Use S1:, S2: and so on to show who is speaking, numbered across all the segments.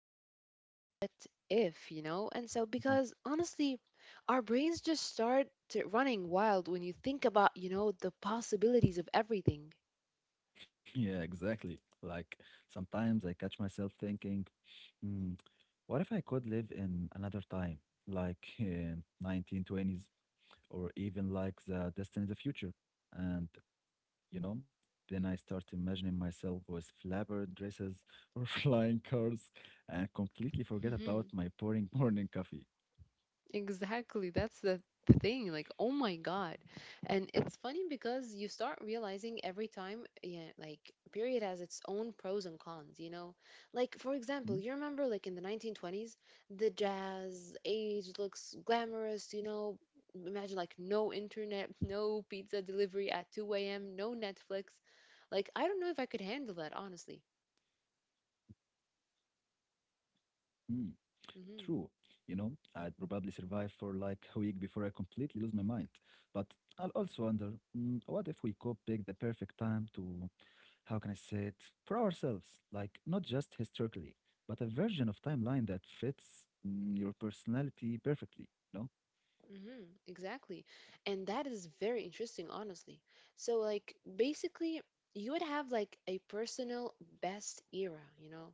S1: of the what if, you know? And so, because honestly, our brains just start to running wild when you think about, you know, the possibilities of everything.
S2: Yeah, exactly. Like sometimes I catch myself thinking, hmm, what if I could live in another time, like 1920s, or even like the Destiny of the Future. And, you know, then I start imagining myself with flapper dresses or flying cars, and completely forget about my boring morning coffee.
S1: Exactly. That's the thing. Like, oh my God. And it's funny because you start realizing every time, yeah, like, period has its own pros and cons, you know? Like, for example, you remember, like, in the 1920s, the jazz age looks glamorous, you know? Imagine, like, no internet, no pizza delivery at 2 a.m., no Netflix. Like, I don't know if I could handle that, honestly.
S2: Mm-hmm. True. I'd
S1: hmm
S2: probably survive for like a week before I completely lose my mind. But I'll also wonder, what if we could pick the perfect time to, how can I say it, for ourselves, like not just historically, but a version of timeline that fits your personality perfectly, you know?
S1: exactly. And that is very interesting, honestly. So, like, basically, you would have like a personal best era, you know?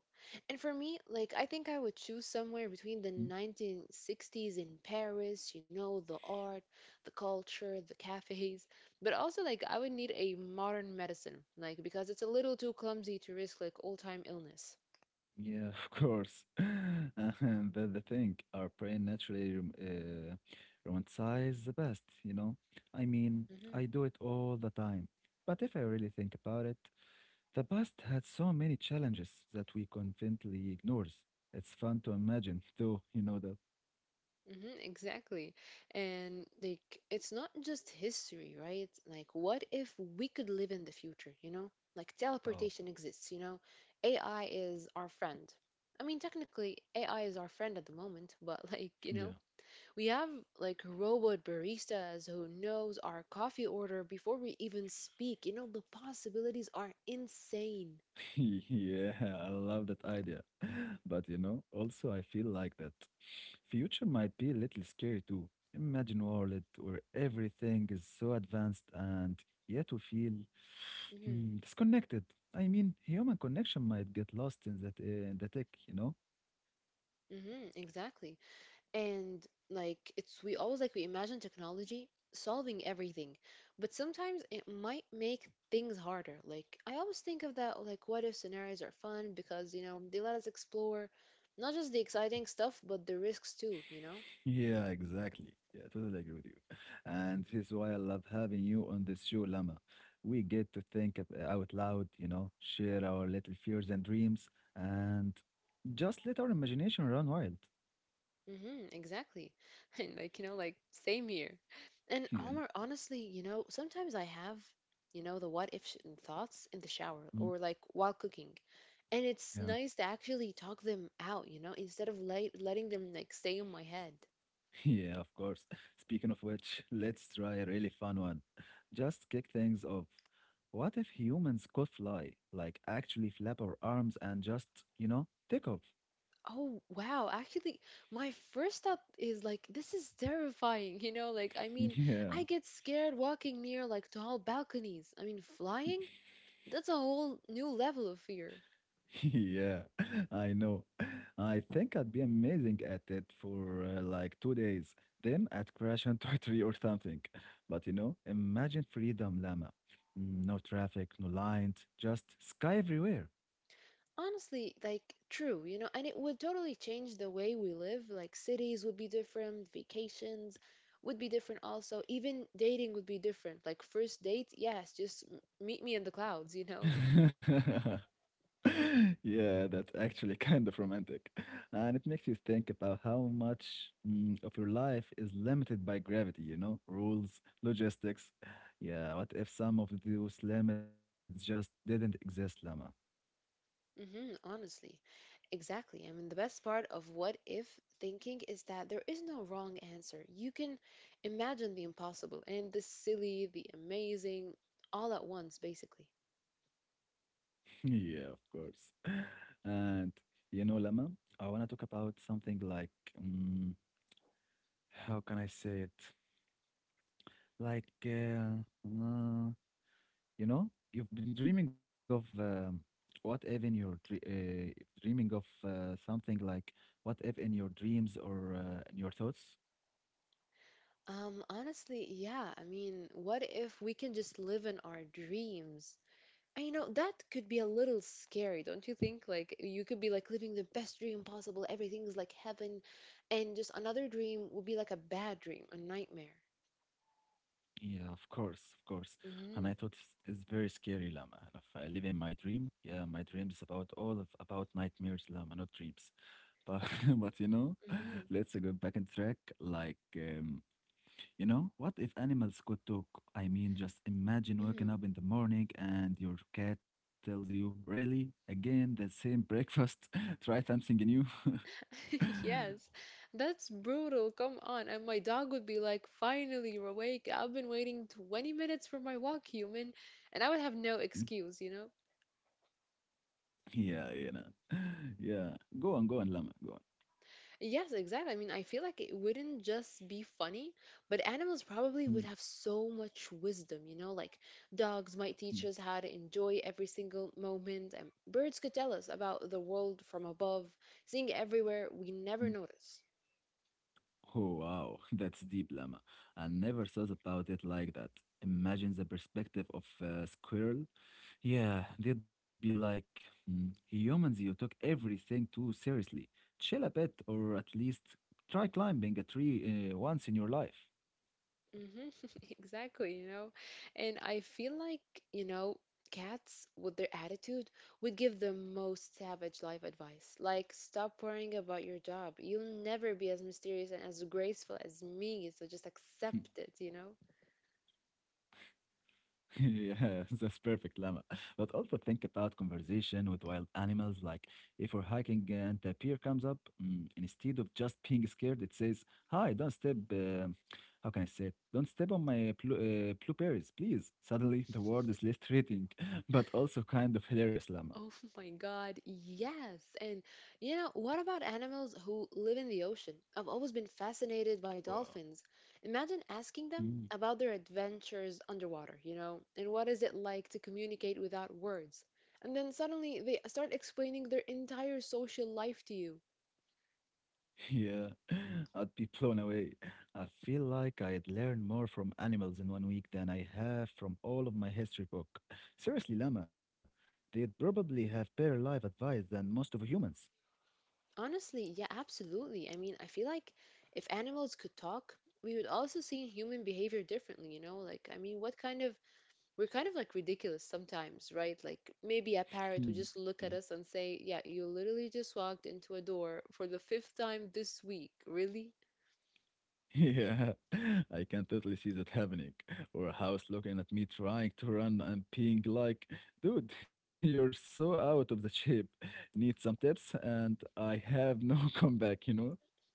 S1: And for me, like, I think I would choose somewhere between the
S2: Mm,
S1: 1960s in Paris, you know, the art, the culture, the cafes, but also, like, I would need a modern medicine, like, because it's a little too clumsy to risk like all-time illness.
S2: yeah, of course. And that's the thing, our brain naturally romanticizes the past, you know? I mean,
S1: Mhm.
S2: I do it all the time. But if I really think about it, the past had so many challenges that we conveniently ignores. It's fun to imagine, though, you know that.
S1: Mm-hmm, exactly. And like it's not just history, right? Like what if we could live in the future, you know? Like
S2: Wow.
S1: teleportation exists, you know? AI is our friend. I mean, technically AI is our friend at the moment, but like, you know, we have like robot baristas who knows our coffee order before we even speak. You know, the possibilities are insane.
S2: Yeah, I love that idea. But also I feel like that future might be a little scary too. Imagine a world where everything is so advanced and yet we feel
S1: Mm-hmm,
S2: disconnected. I mean, human connection might get lost in the tech, you know?
S1: mm-hmm, exactly. And like it's we always like we imagine technology solving everything, but sometimes it might make things harder. Like I always think of that, like what if scenarios are fun because, you know, they let us explore not just the exciting stuff but the risks too, you know?
S2: Yeah, exactly. Yeah, totally agree with you. And this is why I love having you on this show, Lama. We get to think out loud, share our little fears and dreams, and just let our imagination run wild.
S1: Mm-hmm, exactly. and like, you know, like same here. And
S2: Yeah.
S1: Omar, honestly, you know, sometimes I have, you know, the what if sh- thoughts in the shower
S2: Mm.
S1: or like while cooking. And it's
S2: Yeah.
S1: nice to actually talk them out, you know, instead of letting them like stay in my head.
S2: Yeah, of course. Speaking of which, let's try a really fun one. Just kick things off. What if humans could fly? Like, actually flap our arms and just, take off?
S1: Oh wow, actually my first step is like this is terrifying, you know, like I mean
S2: Yeah.
S1: I get scared walking near like tall balconies. I mean flying, that's a whole new level of fear.
S2: Yeah, I know. I think I'd be amazing at it for like 2 days, then I'd crash into a tree or something. But imagine freedom, Lama. No traffic, no lines, just sky everywhere.
S1: Honestly, like true, you know, and it would totally change the way we live. Like cities would be different, vacations would be different also. Even dating would be different. Like first date, yes, just meet me in the clouds, you know?
S2: Yeah, that's actually kind of romantic. And it makes you think about how much of your life is limited by gravity, you know, rules, logistics. Yeah, what if some of those limits just didn't exist, Lama?
S1: Honestly. Exactly. I mean, the best part of what if thinking is that there is no wrong answer. You can imagine the impossible and the silly, the amazing, all at once, basically.
S2: Yeah, of course. And, Lama, I want to talk about something like, mm, how can I say it? Like, uh, you've been dreaming of what if in your dreaming of something like what if in your dreams or in your thoughts?
S1: Honestly, yeah. I mean, what if we can just live in our dreams? And you know, that could be a little scary, don't you think? Like, you could be like living the best dream possible. Everything is like heaven, and just another dream would be like a bad dream, a nightmare.
S2: Yeah, of course, of course. And
S1: Mm-hmm.
S2: I thought it's very scary, Lama. And if I live in my dream, yeah, my dreams is about all of about nightmares, Lama, not dreams. But but
S1: Mm-hmm.
S2: let's go back on track. Like what if animals could talk? I mean, just imagine waking
S1: Mm-hmm.
S2: up in the morning and your cat tells you, "Really? Again, the same breakfast? Try something new?"
S1: Yes, that's brutal. Come on. And my dog would be like, finally, you're awake. I've been waiting 20 minutes for my walk, human. And I would have no excuse, you know?
S2: Yeah, you know. Yeah. Go on, go on, Lama. Go on.
S1: Yes, exactly. I mean, I feel like it wouldn't just be funny, but animals probably would
S2: Mm,
S1: have so much wisdom, you know? Like dogs might
S2: mm,
S1: teach us how to enjoy every single moment, and birds could tell us about the world from above, seeing everywhere we
S2: mm.
S1: never notice.
S2: Oh, wow. That's deep, Lama. I never thought about it like that. Imagine the perspective of a squirrel. Yeah, they'd be like, "Mm, humans, you took everything too seriously. Chill a bit, or at least try climbing a tree once in your life."
S1: hmm Exactly, you know. And I feel like, you know, cats with their attitude would give the most savage life advice. Like, stop worrying about your job. You'll never be as mysterious and as graceful as me, so just accept it, you know?
S2: Yeah, that's perfect, Lama. But also think about conversation with wild animals, like if we're hiking and a bear comes up, instead of just being scared, it says, "Hi, don't step, how can I say it? Don't step on my plu blueberries, please." Suddenly, the word is less threatening, but also kind of hilarious, Lama.
S1: Oh my God, yes. And you know, what about animals who live in the ocean? I've always been fascinated by
S2: Wow.
S1: dolphins. Imagine asking them
S2: Mm,
S1: about their adventures underwater, you know, and what is it like to communicate without words? And then suddenly they start explaining their entire social life to you.
S2: yeah, I'd be blown away. I feel like I'd learn more from animals in one week than I have from all of my history book. Seriously, Lama, they'd probably have better life advice than most of humans.
S1: Honestly, yeah, absolutely. I mean, I feel like if animals could talk, we would also see human behavior differently, you know? Like, I mean, what kind of, we're kind of like ridiculous sometimes, right? Like maybe a
S2: Hmm.
S1: parrot would
S2: Yeah,
S1: just look at us and say, "Yeah, you literally just walked into a door for the fifth time this week, really?"
S2: yeah, I can totally see that happening. Or a house looking at me trying to run and being like, "Dude, you're so out of the shape. Need some tips?" And I have no comeback, you know?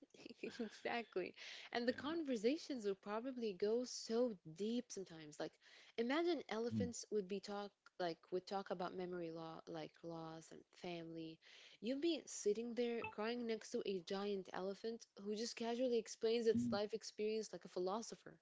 S1: exactly. And the
S2: Yeah.
S1: conversations would probably go so deep sometimes. Like imagine elephants would talk about memory law, like loss and family. You'd be sitting there crying next to a giant elephant who just casually explains
S2: Mm.
S1: its life experience like a philosopher.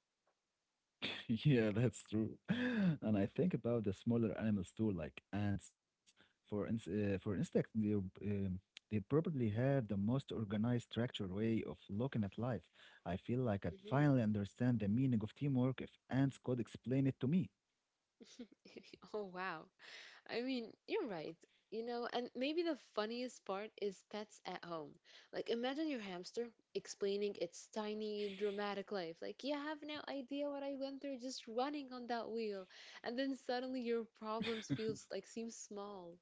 S2: Yeah, that's true. And I think about the smaller animals too, like ants. For insects, they probably have the most organized, structure way of looking at life. I feel like I'd
S1: Mhm.
S2: finally understand the meaning of teamwork if ants could explain it to me.
S1: oh wow. I mean, you're right. You know, and maybe the funniest part is pets at home. Like, imagine your hamster explaining its tiny, dramatic life. Like, you have no idea what I went through just running on that wheel. And then suddenly your problems feels like seem small.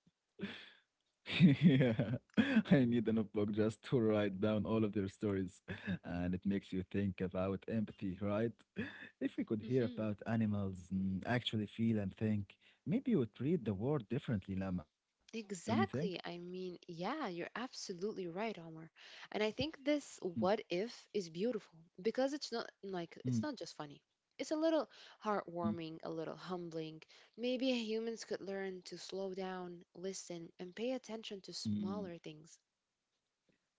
S2: Yeah, I need a notebook just to write down all of their stories. And it makes you think about empathy, right? If we could hear about animals, actually feel and think, maybe you would read the world differently, Lama. Don't you think?
S1: Exactly. I mean, yeah, you're absolutely right, Omar. And I think this
S2: Mm,
S1: what if is beautiful because it's
S2: mm,
S1: not just funny. It's a little
S2: mm,
S1: heartwarming, a little humbling. Maybe humans could learn to slow down, listen, and pay attention to
S2: mm.
S1: smaller things.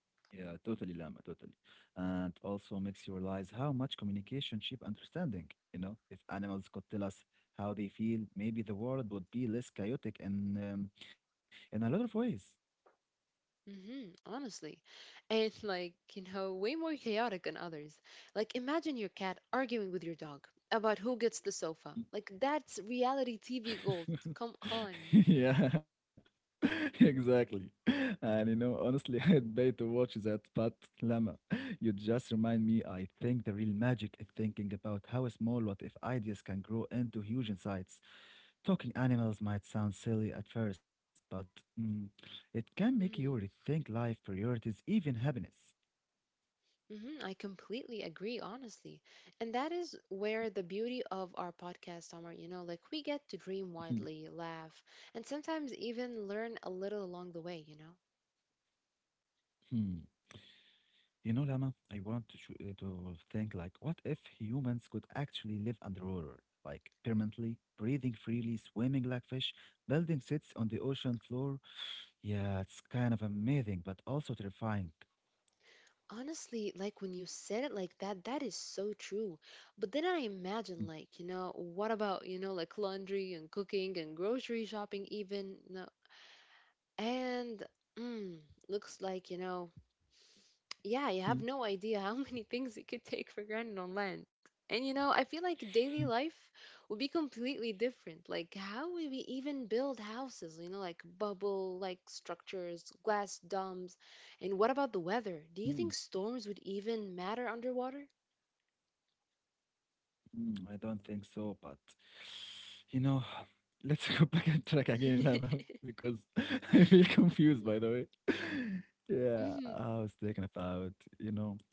S2: Yeah, totally, Lama, totally. And also makes you realize how much communication shape understanding. If animals could tell us how they feel, maybe the world would be less chaotic um, in a lot of ways.
S1: Honestly. And like, you know, way more chaotic than others. Like, imagine your cat arguing with your dog about who gets the sofa. Like, that's reality TV gold. Come on.
S2: Yeah, exactly. And honestly, I'd pay to watch that, but Lama, you just remind me. I think the real magic is thinking about how small what if ideas can grow into huge insights. Talking animals might sound silly at first, but mm, it can make you
S1: Mm-hmm.
S2: rethink life, priorities, even happiness.
S1: I completely agree, honestly. And that is where the beauty of our podcast are, you know, like we get to dream widely, laugh, and sometimes even learn a little along the way, you know?
S2: Lama, I want to to think like, what if humans could actually live underwater, like permanently, breathing freely, swimming like fish, building sits on the ocean floor? Yeah, it's kind of amazing, but also terrifying.
S1: Honestly, like when you said it like that, that is so true. But then I imagine, like, you know, what about, you know, like laundry and cooking and grocery shopping, even, no, and mm, looks like, you know, yeah, you
S2: Hmm.
S1: have no idea how many things you could take for granted on land. And you know, I feel like daily
S2: Hmm,
S1: life would be completely different. Like, how would we even build houses? You know, like bubble like structures, glass domes. And what about the weather? Do you
S2: hmm,
S1: think storms would even matter underwater?
S2: I don't think so, but you know, let's go back and track again, Lama, because I feel confused, by the way. Yeah, I was thinking about, you know.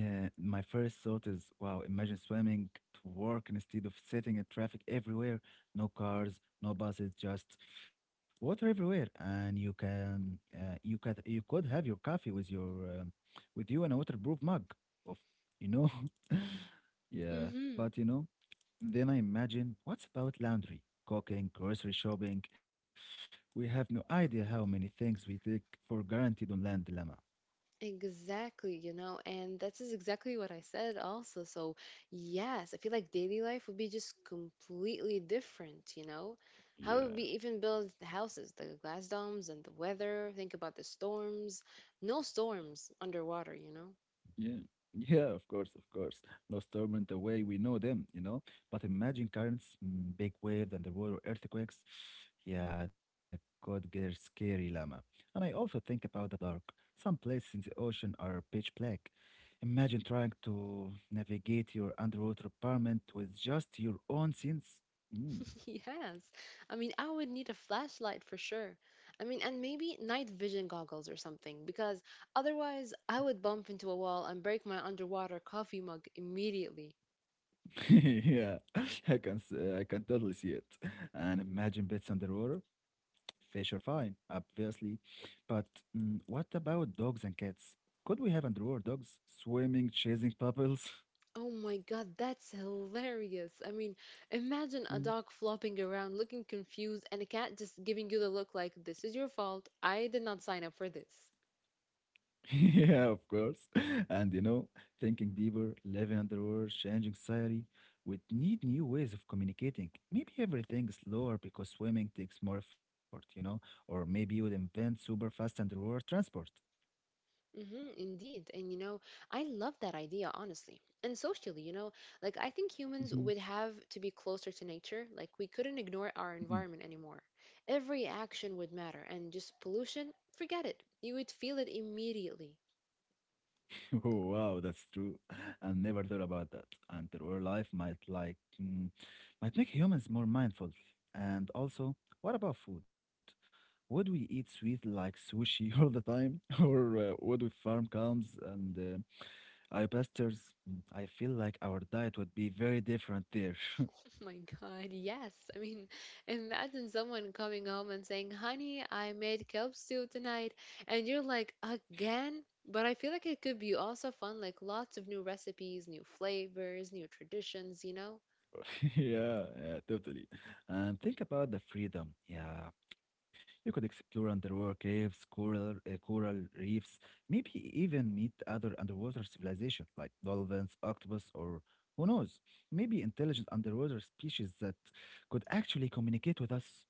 S2: My first thought is, wow, imagine swimming to work instead of sitting in traffic everywhere. No cars, no buses, just water everywhere, and you could have your coffee with you in a waterproof mug of, you know, yeah.
S1: Mm-hmm.
S2: But then I imagine, what's about laundry, cooking, grocery shopping? We have no idea how many things we take for granted on land, Lama.
S1: Exactly, you know, and that's is exactly what I said also. So, yes, I feel like daily life would be just completely different, you know? How would we
S2: Yeah,
S1: even build the houses, the glass domes and the weather? Think about the storms. No storms underwater, you know?
S2: yeah, yeah, of course, of course. Lost Storm the way we know them, you know. But imagine currents, big waves, and the water earthquakes. Yeah, that could get scary, Lama. And I also think about the dark. Some places in the ocean are pitch black. Imagine trying to navigate your underwater apartment with just your own sense. Mm.
S1: Yes. I mean, I would need a flashlight for sure. I mean, and maybe night vision goggles or something, because otherwise I would bump into a wall and break my underwater coffee mug immediately.
S2: Yeah, I can totally see it. And imagine bits underwater. Fish are fine, obviously, but what about dogs and cats? Could we have underwater dogs swimming, chasing bubbles?
S1: Oh my god, that's hilarious. I mean, imagine a
S2: Mm.
S1: dog flopping around looking confused and a cat just giving you the look like, this is your fault. I did not sign up for this.
S2: Yeah, of course. And thinking deeper, living underwater, changing society, we need new ways of communicating. Maybe everything is slower because swimming takes more effort, or maybe you would invent super fast underwater transport.
S1: Indeed. And you know, I love that idea, honestly. And socially, you know, like I think humans would have to be closer to nature. Like we couldn't ignore our environment anymore. Every action would matter, and just pollution, forget it. You would feel it immediately.
S2: Oh, wow, that's true. I never thought about that. Until our life might make humans more mindful. And also, what about food? Would we eat sweet like sushi all the time, or would we farm cows and I pastures? I feel like our diet would be very different there.
S1: Oh my God, yes. I mean, imagine someone coming home and saying, honey, I made kelp stew tonight. And you're like, again? But I feel like it could be also fun, like lots of new recipes, new flavors, new traditions, you know?
S2: Yeah, yeah, totally. And think about the freedom. Yeah, you could explore underwater caves, coral reefs, maybe even meet other underwater civilizations like dolphins, octopus, or who knows, maybe intelligent underwater species that could actually communicate with us.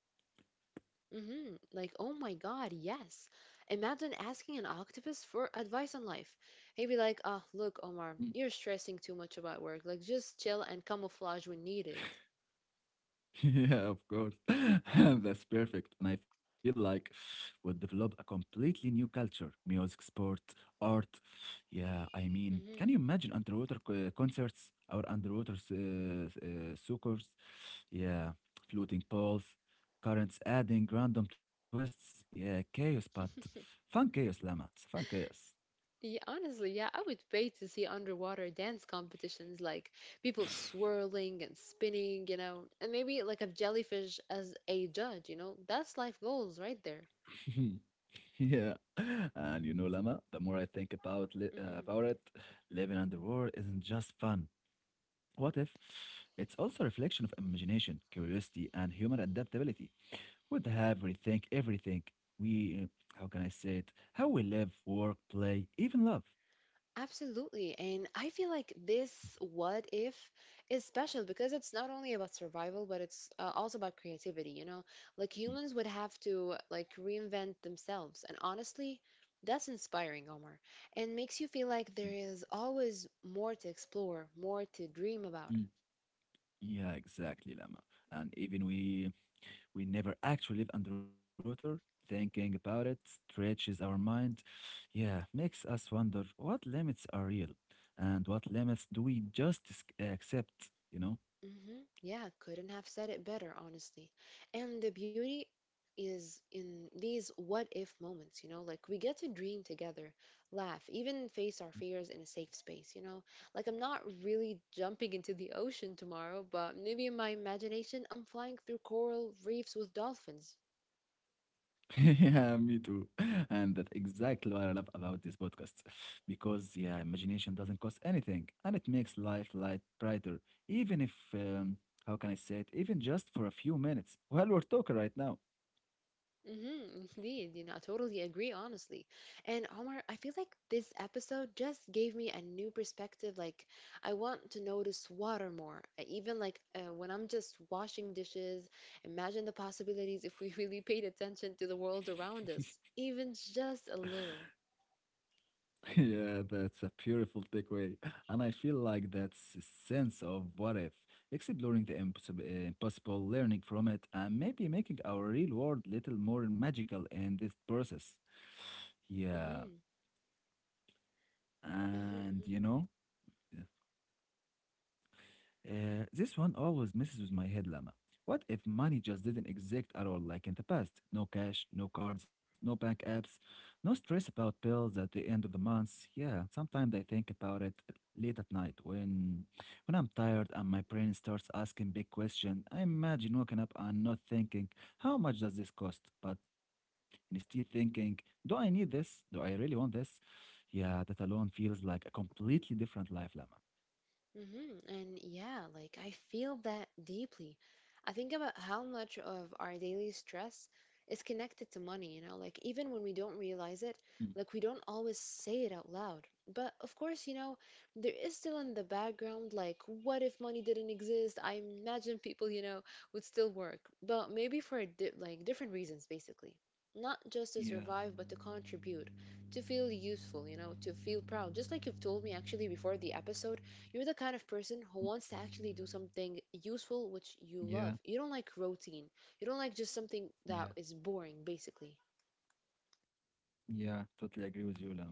S1: Mm-hmm. Like, oh my God, yes. Imagine asking an octopus for advice on life. He'd be like, ah, look, Omar,
S2: Hmm.
S1: you're stressing too much about work. Like, just chill and camouflage when needed.
S2: Yeah, of course. That's perfect. And I feel like we'll develop a completely new culture, music, sport, art. Yeah, I mean, can
S1: Mm-hmm.
S2: you imagine underwater concerts or underwater soccers? Yeah, floating poles, currents adding random twists. Yeah, chaos, but fun chaos, Lama. It's fun chaos.
S1: Yeah, honestly, yeah, I would pay to see underwater dance competitions like people swirling and spinning, you know, and maybe like a jellyfish as a judge, you know. That's life goals right there.
S2: Yeah, and, Lama, the more I think about it, living underwater isn't just fun. What if? It's also a reflection of imagination, curiosity, and human adaptability. We'd have rethink everything. We, uh, how can I say it? How we live, work, play, even love.
S1: Absolutely. And I feel like this what if is special because it's not only about survival, but it's also about creativity, you know? Like humans would
S2: Mm,
S1: have to like reinvent themselves. And honestly, that's inspiring, Omar, and makes you feel like there
S2: mm,
S1: is always more to explore, more to dream about.
S2: mm. Yeah, exactly, Lama. And even we, never actually live under water. Thinking about it stretches our mind. Yeah, makes us wonder what limits are real, and what limits do we just accept? You know.
S1: Yeah, couldn't have said it better, honestly. And the beauty is in these what if moments, you know, like we get to dream together, laugh, even face our fears in a safe space, you know. Like I'm not really jumping into the ocean tomorrow, but maybe in my imagination, I'm flying through coral reefs with dolphins.
S2: Yeah, me too. And that's exactly what I love about this podcast. Because, yeah, imagination doesn't cost anything and it makes life light brighter. Even if, how can I say it, even just for a few minutes while we're talking right now.
S1: Mm-hmm, indeed, you know, I totally agree, honestly. And Omar, I feel like this episode just gave me a new perspective. Like, I want to notice water more. Even like when I'm just washing dishes, imagine the possibilities if we really paid attention to the world around us, even just a little.
S2: Yeah, that's a beautiful takeaway. And I feel like that's a sense of what if, exploring the impossible, impossible, learning from it, and maybe making our real world little more magical in this process. Yeah.
S1: Mm-hmm,
S2: And
S1: mm-hmm.
S2: you know, this one always messes with my head, Lama. What if money just didn't exist at all like in the past? No cash, no cards, no bank apps, no stress about bills at the end of the month. Yeah, sometimes I think about it late at night when I'm tired and my brain starts asking big questions. I imagine waking up and not thinking, how much does this cost? But instead thinking, do I need this? Do I really want this? Yeah, that alone feels like a completely different life, Lama.
S1: And yeah, like I feel that deeply. I think about how much of our daily stress is connected to money, you know, like even when we don't realize it,
S2: Mm,
S1: like we don't always say it out loud. But of course, you know, there is still in the background, like, what if money didn't exist? I imagine people, you know, would still work, but maybe for di like different reasons, basically. Not just
S2: yeah,
S1: to survive, but to contribute, to feel useful, you know, to feel proud. Just like you've told me actually before the episode you're the kind of person who
S2: mm,
S1: wants to actually do something useful which you
S2: yeah.
S1: love. You don't like routine. You don't like just something that
S2: Yeah,
S1: is boring, basically.
S2: yeah, totally agree with you, Lama.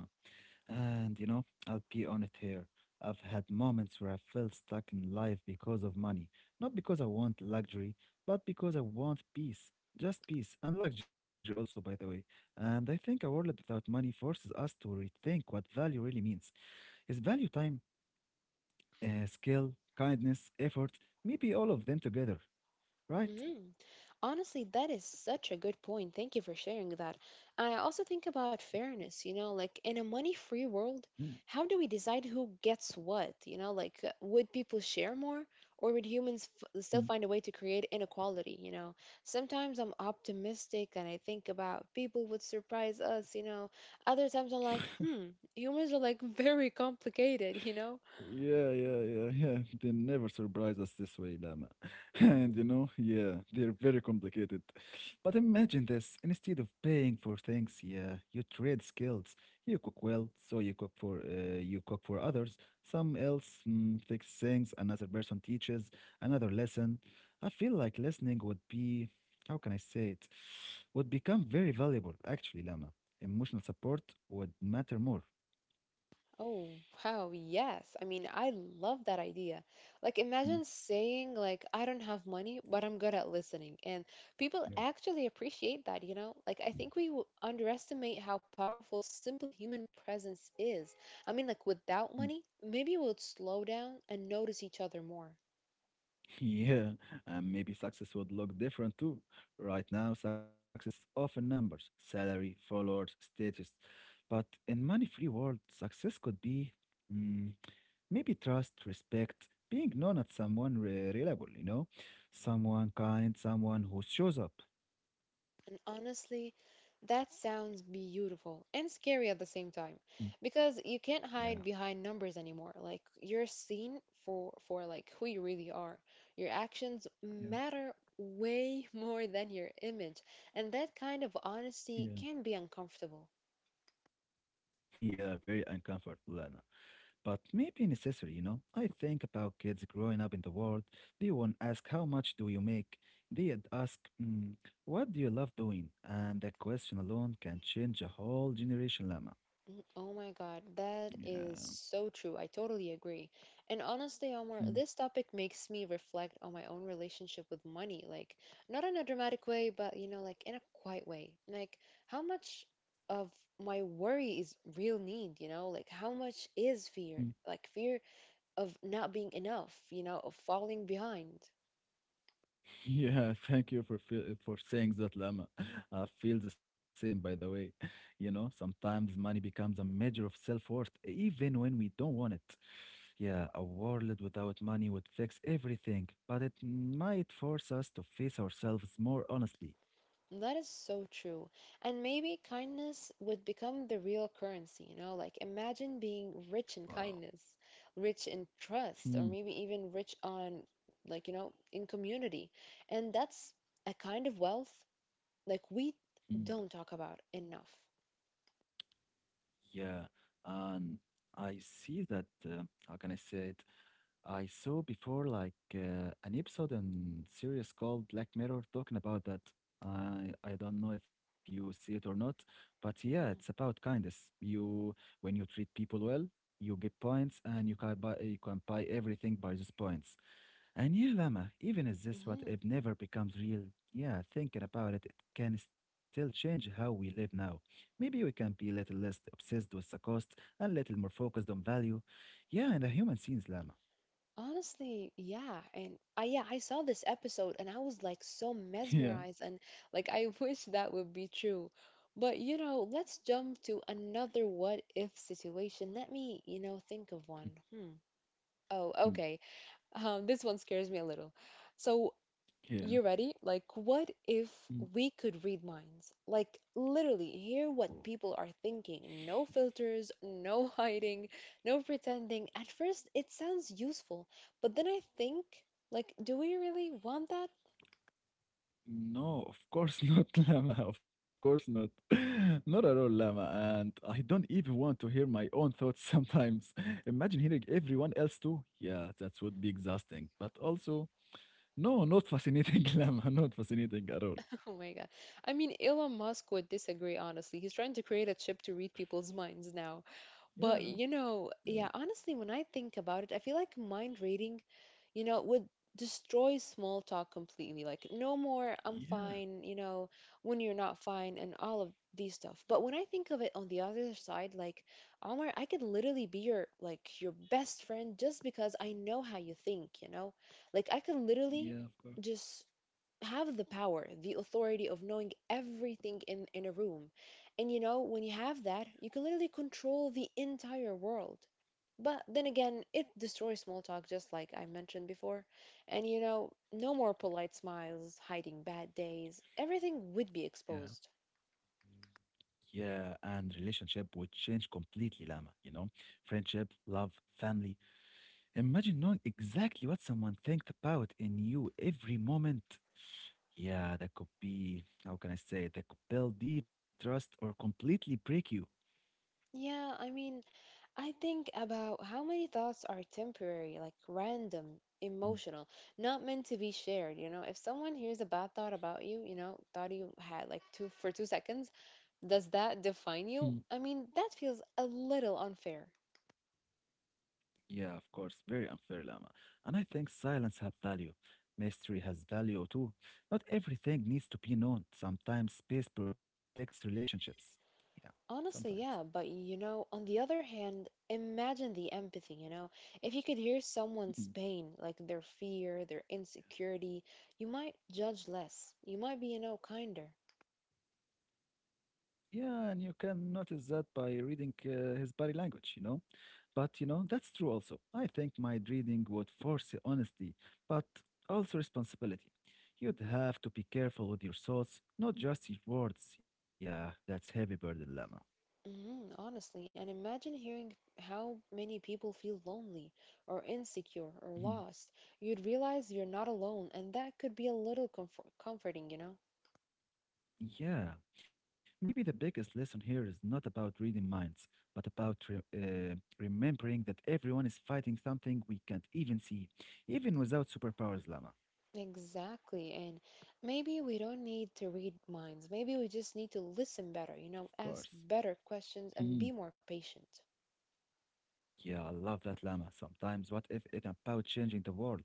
S2: And you know, I'll be honest here. I've had moments where I felt stuck in life because of money. Not because I want luxury, but because I want peace. Just peace and luxury also, by the way. And I think a world without money forces us to rethink what value really means. Is value time, skill, kindness, effort, maybe all of them together, right?
S1: hmm Honestly, that is such a good point. Thank you for sharing that. I also think about fairness, you know, like in a money-free world,
S2: Mm.
S1: how do we decide who gets what? You know, like would people share more or would humans f still find a way to create inequality, you know? Sometimes I'm optimistic and I think about people would surprise us, you know. Other times I'm like, humans are like very complicated, you know?
S2: Yeah, yeah, yeah, yeah. They never surprise us this way, Lama. And you know, yeah, they're very complicated. But imagine this, instead of paying for things, yeah, you trade skills. You cook well, so you cook for others. Some else mm, fix things, another person teaches another lesson. I feel like listening would be, how can I say it, would become very valuable, actually, Lama. Emotional support would matter more.
S1: Oh, wow, yes. I mean, I love that idea. Like, imagine
S2: Mm,
S1: saying, like, I don't have money, but I'm good at listening. And people
S2: yeah.
S1: actually appreciate that, you know? Like, I think we underestimate how powerful simple human presence is. I mean, like, without
S2: Mm.
S1: money, maybe we'll slow down and notice each other more.
S2: Yeah, and maybe success would look different too. Right now, success is often numbers, salary, followers, status. But in money-free world, success could be mm, maybe trust, respect, being known as reliable, you know, someone kind, someone who shows up.
S1: And honestly, that sounds beautiful and scary at the same
S2: Mm,
S1: time because you can't
S2: yeah,
S1: hide behind numbers anymore. Like you're seen for like who you really are. Your actions
S2: yeah,
S1: matter way more than your image, and that kind of
S2: yeah,
S1: honesty can be uncomfortable.
S2: yeah. Very uncomfortable, Lana. But maybe necessary, you know. I think about kids growing up in the world. They won't ask how much do you make. They'd ask, "Mm, what do you love doing? And that question alone can change a whole generation, Lama.
S1: Oh my God, that is
S2: Yeah.
S1: so true. I totally agree. And honestly, Omar, this topic makes me reflect on my own relationship with money. Like, not in a dramatic way, but, you know, like in a quiet way. Like, how much of my worry is real need, you know? Like, how much is fear? Like, fear of not being enough, you know, of falling behind.
S2: Yeah, thank you for saying that, Lama. I feel the same, by the way. You know, sometimes money becomes a measure of self-worth, even when we don't want it. Yeah, a world without money would fix everything, but it might force us to face ourselves more honestly.
S1: That is so true. And maybe kindness would become the real currency, you know? Like, imagine being rich in
S2: Wow.
S1: kindness, rich in trust, or maybe even rich on, like, you know, in community. And that's a kind of wealth, like, we don't talk about enough.
S2: Yeah, and I see that, how can I say it? I saw before like an episode and series called Black Mirror talking about that. I don't know if you see it or not, but yeah, it's
S1: hmm
S2: about kindness. You when you treat people well, you get points, and you can buy everything by these points. And yeah, Lama, even is this what
S1: Mhm.
S2: if never becomes real? Yeah, thinking about it, it can still change how we live now. Maybe we can be a little less obsessed with the cost and little more focused on value. Yeah, and the human scenes, Lama.
S1: Honestly, yeah, and I saw this episode and I was like so
S2: Yeah,
S1: mesmerized and like I wish that would be true. But you know, let's jump to another what if situation. Let me, you know, think of one. Hmm. Oh,
S2: mm,
S1: okay. This one scares me a little. So
S2: yeah.
S1: you ready? Like, what if
S2: Mm,
S1: we could read minds? Like, literally, hear
S2: oh,
S1: what people are thinking. No filters, no hiding, no pretending. At first, it sounds useful, but then I think, like, do we really want that?
S2: no, of course not, Lama. Of course not. Not at all, Lama. And I don't even want to hear my own thoughts sometimes. Imagine hearing everyone else too. Yeah, that would be exhausting. But also, no, not fascinating, Lama. Not fascinating at all.
S1: Oh my God. I mean, Elon Musk would disagree, honestly. He's trying to create a chip to read people's minds now.
S2: Yeah,
S1: But, you know,
S2: yeah,
S1: yeah, honestly, when I think about it, I feel like mind reading you know, would destroy small talk completely. Like, no more, I'm
S2: yeah,
S1: fine, you know, when you're not fine, and all of these stuff. But when I think of it on the other side, like, Omar, I could literally be your, like, your best friend just because I know how you think, you know? Like, I could literally
S2: yeah, of course.
S1: just have the power, the authority of knowing everything in a room. And you know, when you have that, you can literally control the entire world. But then again, it destroys small talk, just like I mentioned before. And you know, no more polite smiles, hiding bad days, everything would be
S2: Yeah.
S1: exposed.
S2: Yeah, and relationship would change completely, Lama. You know, friendship, love, family. Imagine knowing exactly what someone thinks about in you every moment. Yeah, that could be, how can I say, that could build deep trust or completely break you.
S1: Yeah, I mean, I think about how many thoughts are temporary, like random, emotional, not meant to be shared, you know? If someone hears a bad thought about you, you know, thought you had like two for 2 seconds, does that define
S2: Mhm.
S1: you? I mean, that feels a little unfair.
S2: Yeah, of course, very unfair, Lama. And I think silence has value. Mystery has value too. Not everything needs to be known. Sometimes space protects relationships. Yeah, sometimes.
S1: Honestly, yeah, but you know, on the other hand, imagine the empathy, you know? If you could hear someone's
S2: Mm-hmm.
S1: pain, like their fear, their insecurity, you might judge less. You might be, you know, kinder.
S2: Yeah, and you can notice that by reading his body language, you know. But, you know, that's true also. I think mind reading would force honesty, but also responsibility. You'd have to be careful with your thoughts, not just your words. Yeah, that's heavy burden, Lemma.
S1: Mhm, honestly, and imagine hearing how many people feel lonely or insecure or
S2: Mhm.
S1: lost. You'd realize you're not alone, and that could be a little comforting, you know?
S2: Yeah, maybe the biggest lesson here is not about reading minds, but about remembering that everyone is fighting something we can't even see, even without superpowers, Lemma.
S1: Exactly. And maybe we don't need to read minds. Maybe we just need to listen better,
S2: Of
S1: you know,
S2: course.
S1: ask better questions
S2: Hmm.
S1: and be more patient.
S2: Yeah, I love that Lama. Sometimes, what if it about changing the world?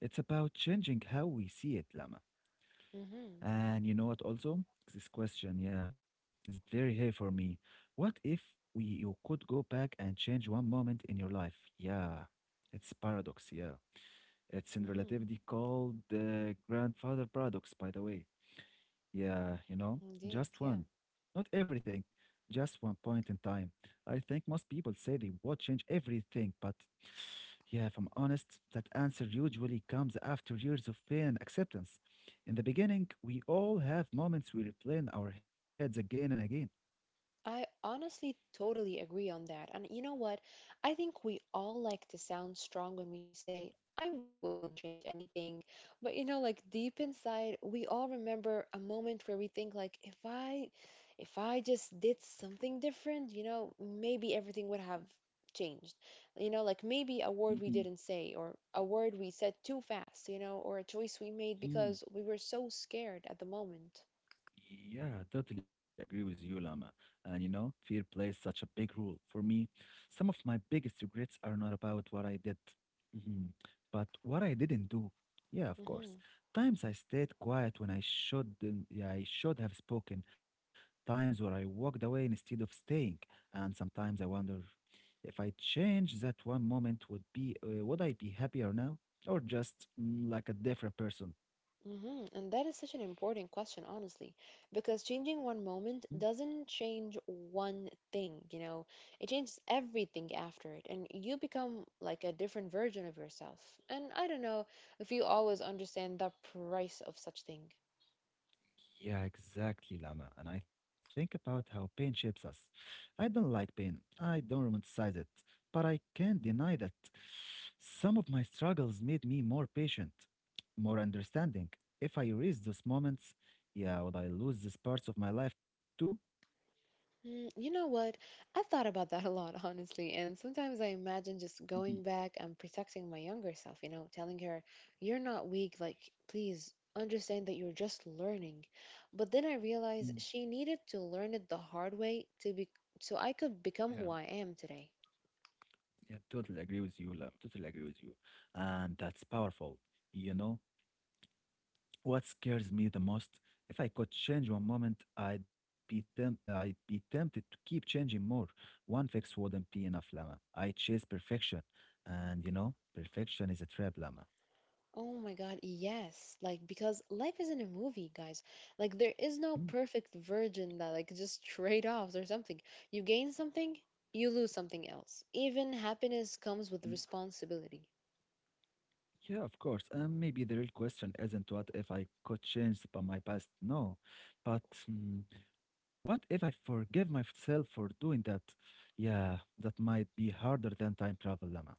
S2: It's about changing how we see it, Lama.
S1: Mm-hmm.
S2: And you know what? Also, this question, yeah, is very heavy for me. What if we you could go back and change one moment in your life? Yeah, it's paradox. Yeah, it's in
S1: Mm-hmm.
S2: relativity called the grandfather paradox, by the way. Yeah, you know,
S1: Indeed.
S2: just
S1: Yeah.
S2: one, not everything, just one point in time. I think most people say they would change everything, but yeah, if I'm honest, that answer usually comes after years of pain and acceptance. In the beginning, we all have moments we replay in our heads again and again.
S1: I honestly totally agree on that. And you know what? I think we all like to sound strong when we say, I wouldn't change anything. But you know, like deep inside, we all remember a moment where we think like if I just did something different, you know, maybe everything would have changed. You know, like maybe a word
S2: Mhm,
S1: we didn't say or a word we said too fast, you know, or a choice we made
S2: mhm.
S1: because we were so scared at the moment.
S2: Yeah, totally agree with you, Lama. And you know, fear plays such a big role for me. Some of my biggest regrets are not about what I did, mhm, but what I didn't do. Yeah, of course.
S1: Mhm.
S2: Times I stayed quiet when I shouldn't, yeah, I should have spoken. Times where I walked away instead of staying. And sometimes I wonder if I change that one moment, would I be happier now, or just mm, like a different person?
S1: And that is such an important question, honestly, because changing one moment doesn't change one thing, you know, it changes everything after it, and you become like a different version of yourself. And I don't know if you always understand the price of such thing.
S2: Yeah, exactly, Lama. And I think about how pain shapes us. I don't like pain. I don't romanticize it. But I can't deny that some of my struggles made me more patient, more understanding. If I erase those moments, yeah, would I lose these parts of my life too?
S1: You know what? I've thought about that a lot, honestly. And sometimes I imagine just
S2: Mhm,
S1: going back and protecting my younger self, you know, telling her, you're not weak. Like, please understand that you're just learning. But then I realize
S2: mm.
S1: she needed to learn it the hard way to be so I could
S2: Yeah,
S1: become who I am today.
S2: yeah, totally agree with you, Lama. Totally agree with you. And that's powerful, you know? What scares me the most? If I could change one moment, I'd be tempted to keep changing more. One fix wouldn't be enough, Lama. I chase perfection, and you know, perfection is a trap, Lama.
S1: Oh my God, yes. Like, because life isn't a movie, guys. Like, there is no
S2: Mm,
S1: perfect virgin that, like, just trade offs or something. You gain something, you lose something else. Even happiness comes
S2: mm.
S1: with responsibility.
S2: Yeah, of course. Maybe the real question isn't what if I could change by my past, no, but mm, what if I forgive myself for doing that? Yeah, that might be harder than time travel, Lama.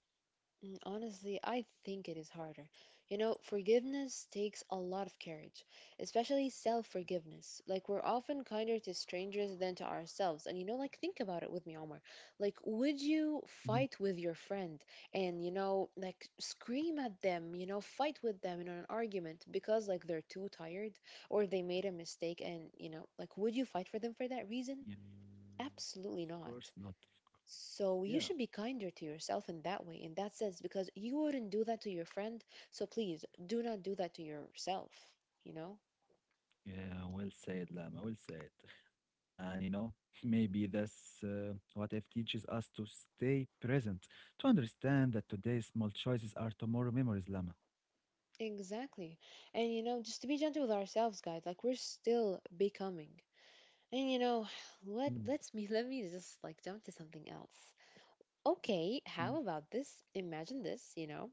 S1: Honestly, I think it is harder. You know, forgiveness takes a lot of courage, especially self forgiveness. Like, we're often kinder to strangers than to ourselves. And, you know, like, think about it with me, Omar. Like, would you
S2: Mhm.
S1: fight with your friend and, you know, like, scream at them, you know, fight with them in an argument because, like, they're too tired or they made a mistake? And, you know, like, would you fight for them for that
S2: Yeah.
S1: reason?
S2: Of
S1: Absolutely
S2: course
S1: not.
S2: not. Yeah.
S1: So you should be kinder to yourself in that way, in that sense, because you wouldn't do that to your friend. So please do not do that to yourself, you know?
S2: Yeah, well said, Lama, well said. And you know, maybe that's what if teaches us to stay present, to understand that today's small choices are tomorrow memories, Lama.
S1: Exactly. And you know, just to be gentle with ourselves, guys, like we're still becoming. And you know,
S2: Mm,
S1: let let's me let me just like jump to something else. Okay,
S2: mm.
S1: how about this? Imagine this, you know.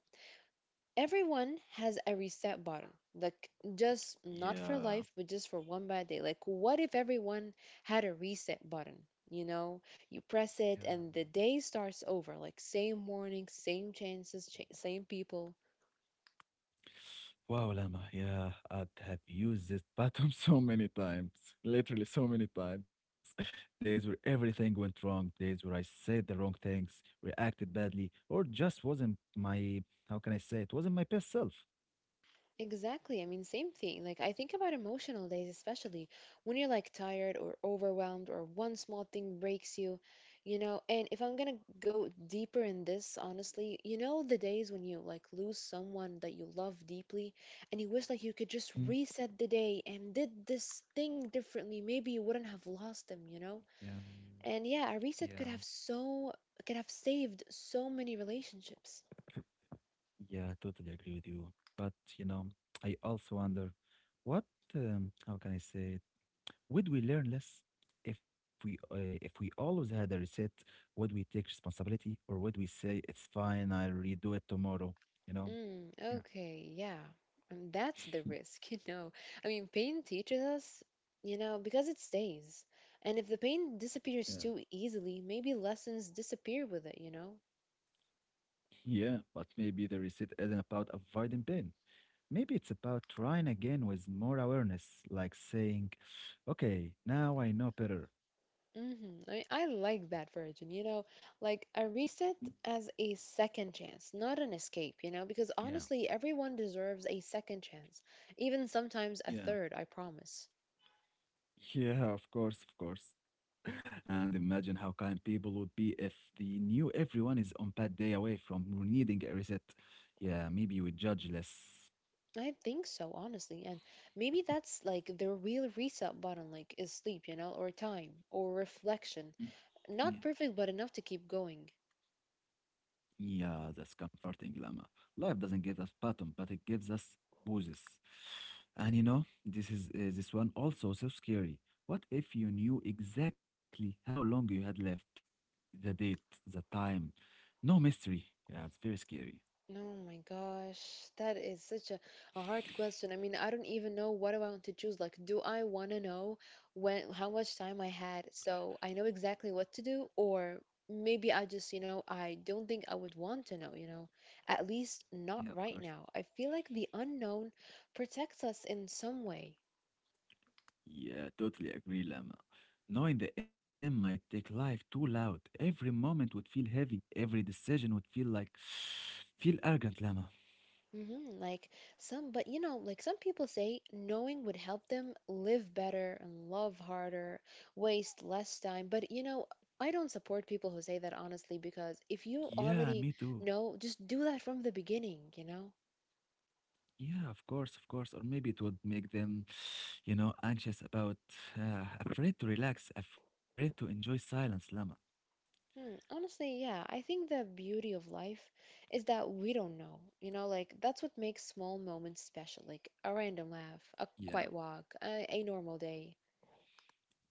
S1: Everyone has a reset button, like, just not for
S2: Yeah.
S1: life, but just for one bad day. Like, what if everyone had a reset button, you know? You press
S2: Yeah.
S1: it and the day starts over, like same morning, same same people.
S2: Wow, Lama, yeah, I'd have used this pattern so many times, literally so many times. Days where everything went wrong, days where I said the wrong things, reacted badly, or just wasn't my, how can I say, it wasn't my best self.
S1: Exactly. I mean, same thing. Like, I think about emotional days, especially when you're like tired or overwhelmed, or one small thing breaks you, you know. And if I'm gonna go deeper in this, honestly, you know, the days when you like lose someone that you love deeply and you wish like you could just
S2: Hmm.
S1: reset the day and did this thing differently, maybe you wouldn't have lost them, you know.
S2: Yeah.
S1: And yeah, a
S2: Yeah,
S1: reset could have saved so many relationships.
S2: yeah, totally agree with you. But, you know, I also wonder what, how can I say it? Would we learn less if we always had a reset? Would we take responsibility or would we say it's fine, I'll redo it tomorrow, you know?
S1: Mm,
S2: Yeah.
S1: okay, yeah. And that's the risk, you know. I mean, pain teaches us, you know, because it stays. And if the pain
S2: Yeah.
S1: disappears too easily, maybe lessons disappear with it, you know?
S2: Yeah, but maybe the reset isn't about avoiding pain. Maybe it's about trying again with more awareness, like saying, okay, now I know better.
S1: Mm-hmm. I mean, I like that version, you know, like a reset as a second chance, not an escape, you know, because
S2: Yeah.
S1: honestly, everyone deserves a second chance, even sometimes a
S2: Yeah.
S1: third, I promise.
S2: Yeah, of course, of course. And imagine how kind people would be if they knew everyone is on bad day away from needing a reset. Yeah, maybe we judge less.
S1: I think so, honestly. And maybe that's like the real reset button, like is sleep, you know, or time, or
S2: Mm,
S1: reflection.
S2: yeah,
S1: Not perfect, but enough to keep going.
S2: yeah, that's comforting, Lama. Life doesn't give us bottom, but it gives us bruises. And you know, this one also so scary. What if you knew exactly how long you had left, the date, the time? No mystery. Yeah, it's very scary.
S1: Oh my gosh, that is such a hard question. I mean, I don't even know what I want to choose. Like, do I want to know when how much time I had so I know exactly what to do, or maybe I just, you know, I don't think I would want to know, you know, at least not
S2: Yeah, of
S1: right
S2: course.
S1: now. I feel like the unknown protects us in some way.
S2: Yeah, totally agree, Lama. Knowing the end might take life too loud. Every moment would feel heavy. Every decision would feel like feel arrogant, Lama.
S1: Like but you know, like some people say, knowing would help them live better and love harder, waste less time. But you know, I don't support people who say that honestly, because if you
S2: Yeah, me
S1: already
S2: too.
S1: know, just do that from the beginning, you know?
S2: Yeah, of course, of course. Or maybe it would make them, you know, anxious about, afraid to relax, afraid to enjoy silence, Lama.
S1: Honestly, yeah, I think the beauty of life is that we don't know. You know, like that's what makes small moments special, like a random laugh, a
S2: Yeah.
S1: quiet walk, a normal day.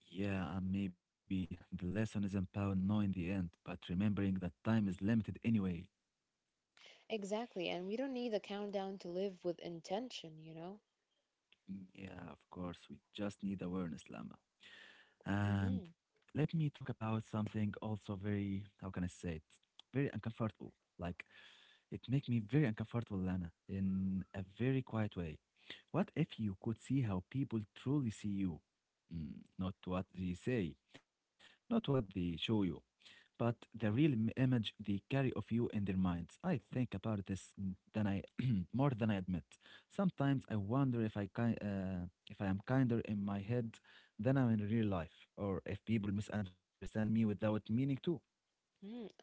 S2: Yeah, and maybe the lesson isn't about knowing the end, but remembering that time is limited anyway.
S1: Exactly, and we don't need a countdown to live with intention, you know?
S2: Mm, yeah, of course. We just need awareness, Lama. And
S1: Mm-hmm.
S2: let me talk about something also very, how can I say it? Very uncomfortable. Like it make me very uncomfortable, Lana, in a very quiet way. What if you could see how people truly see you? Mm, not what they say, not what they show you but the image they carry of you in their minds. I think about this m- than I more than I admit. Sometimes I wonder if I am kinder in my head than I'm in real life, or if people misunderstand me without meaning to.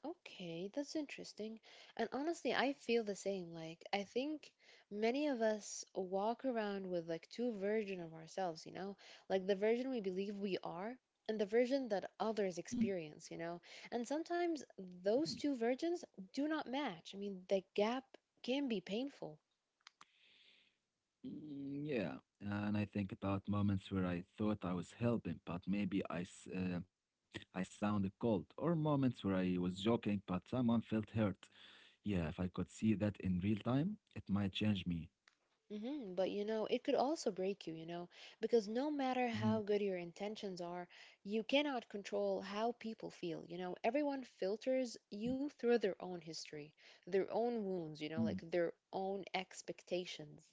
S1: Okay, that's interesting. And honestly, I feel the same. Like, I think many of us walk around with like two versions of ourselves, you know? Like the version we believe we are and the version that
S2: Mm.
S1: others experience, you know? And sometimes
S2: Mm.
S1: those two versions do not match. I mean, the gap can be painful.
S2: Mm. Yeah, and I think about moments where I thought I was helping, but maybe I sounded cold, or moments where I was joking, but someone felt hurt. Yeah, if I could see that in real time, it might change me.
S1: But you know, it could also break you, you know, because no matter how
S2: Mhm.
S1: good your intentions are, you cannot control how people feel. You know, everyone filters
S2: Mm.
S1: you through their own history, their own wounds, you know,
S2: Mm.
S1: like their own expectations.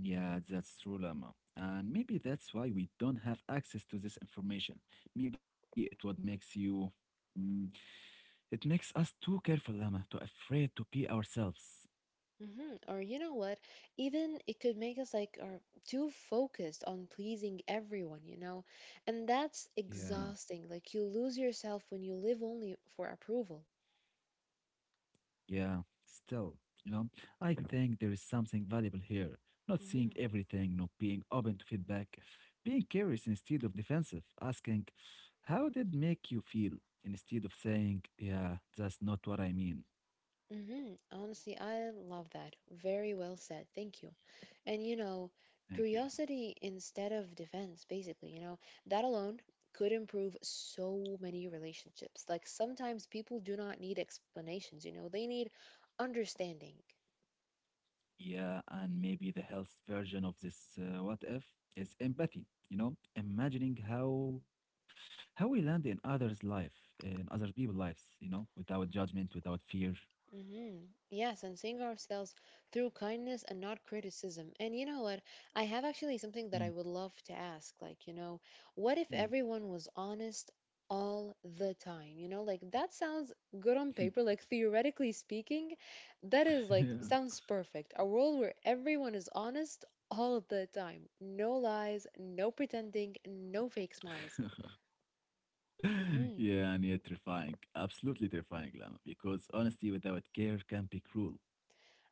S2: Yeah, that's true, Lama. And maybe that's why we don't have access to this information. Maybe it what makes you, mm, it makes us too careful, Lama, too afraid to be ourselves.
S1: Or you know what? Even it could make us like are too focused on pleasing everyone, you know, and that's
S2: Yeah,
S1: exhausting. Like you lose yourself when you live only for approval.
S2: yeah. Still, you know, I think there is something valuable here. Not seeing everything, not being open to feedback, being curious instead of defensive, asking, "How did make you feel?" instead of saying, "Yeah, that's not what I mean."
S1: Honestly, I love that. Very well said. Thank you. And you know,
S2: Thank you, Lama.
S1: curiosity instead of defense, basically, you know, that alone could improve so many relationships. Like sometimes people do not need explanations, you know, they need understanding.
S2: Yeah, and maybe the health version of this what if is empathy, imagining how we land in in other people's lives, you know, without judgment, without fear.
S1: hmm Yes, and seeing ourselves through kindness and not criticism. And you know what? I have actually something that I
S2: Mm,
S1: would love to ask. Like, you know, what if
S2: yeah.
S1: everyone was honest all the time? You know, like that sounds good on paper. Like, theoretically speaking, that is like
S2: Yeah.
S1: sounds perfect. A world where everyone is honest all the time. No lies, no pretending, no fake smiles.
S2: Yeah, and
S1: Mhm.
S2: yet terrifying. Absolutely terrifying, Lama, because honesty without care can be cruel.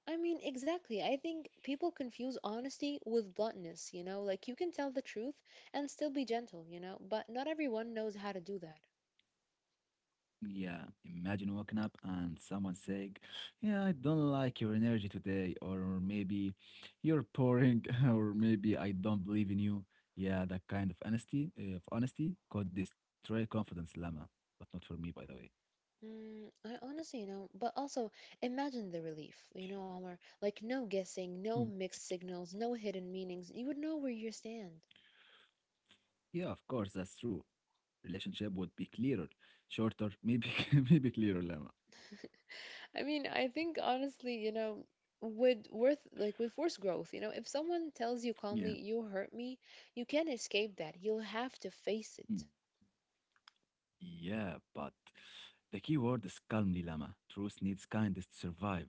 S1: I mean, exactly. I think people confuse honesty with bluntness, you know? Like, you can tell the truth and still be gentle, you know? But not everyone knows how to do that.
S2: Yeah, imagine waking up and someone saying, "Yeah, I don't like your energy today, or maybe you're boring, or maybe I don't believe in you." Yeah, that kind of honesty could destroy confidence, Lama. But not for me, by the way.
S1: I honestly, you know, but also imagine the relief, you know, Omar. Like, no guessing, no
S2: Hmm.
S1: mixed signals, no hidden meanings. You would know where you stand.
S2: Yeah, of course, that's true. Relationship would be clearer, shorter, maybe maybe clearer, Lama.
S1: I mean, I think honestly, you know, with worth like with forced growth, you know, if someone tells you calmly,
S2: Yeah.
S1: you hurt me, you can't escape that. You'll have to face
S2: Mm.
S1: it.
S2: Yeah, but the key word is calmly, Lama. Truth needs kindness to survive.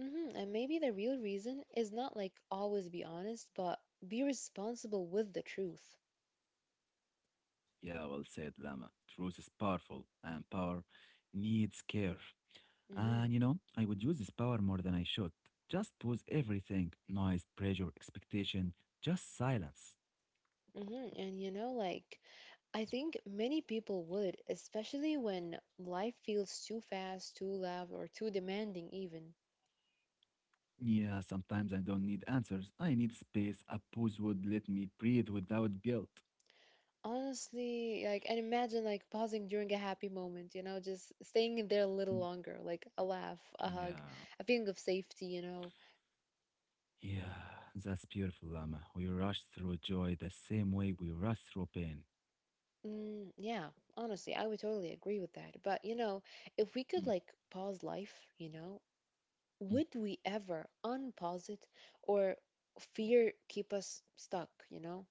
S1: And maybe the real reason is not like always be honest, but be responsible with the truth.
S2: Yeah, well said, Lama. Truth is powerful, and power needs care. And you
S1: hmm
S2: know, I would use this power more than I should. Just pause everything, noise, pressure, expectation, just silence.
S1: And you know, like, I think many people would, especially when life feels too fast, too loud, or too demanding, even.
S2: Yeah, sometimes I don't need answers. I need space. A pause would let me breathe without guilt.
S1: Honestly, like, and imagine like pausing during a happy moment, you know, just staying in there a little longer, like a laugh, a hug,
S2: Yeah.
S1: a feeling of safety, you know.
S2: Yeah, that's beautiful, Lama. We rush through joy the same way we rush through pain.
S1: Mm, yeah, honestly, I would totally agree with that. But you know, if we could
S2: Mm.
S1: like pause life, you know,
S2: Mm.
S1: would we ever unpause it or fear keep us stuck, you know?